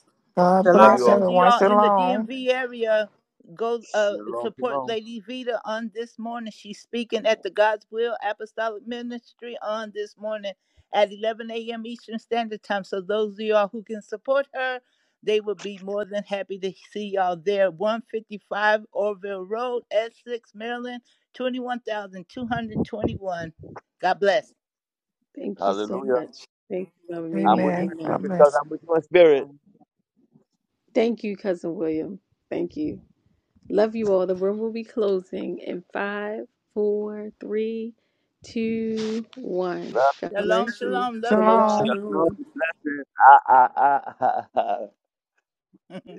S7: Shalom.
S3: God
S6: Love
S7: Shalom.
S6: you
S3: bless
S5: Those of
S6: all.
S3: everyone.
S5: y'all in the
S3: Shalom.
S5: DMV area, go uh,
S6: Shalom,
S5: support
S6: shalom.
S5: Lady Vita on this morning. She's speaking at the God's Will Apostolic Ministry on this morning at 11 a.m. Eastern Standard Time. So those of y'all who can support her, they will be more than happy to see y'all there. 155 Orville Road, Essex, Maryland, 21,221. God bless.
S1: Thank you so
S6: Hallelujah.
S1: much. Thank you, Mama
S6: I'm
S1: Mimi.
S6: with you
S3: Amen.
S6: in
S3: God
S1: Amen.
S6: spirit because
S3: bless.
S6: I'm with you in
S12: Yes,
S6: spirit.
S1: Thank you, Cousin William. Thank you. Love you all. The room will be closing in five, four, three, two, one.
S6: Love,
S1: God
S5: Shalom,
S1: bless you.
S5: shalom. Love you
S1: Shalom,
S3: Shalom.
S5: all.
S6: love,
S1: shalom.
S6: blessings. Ah, ah, ah. *laughs* ah, ah.
S5: *laughs*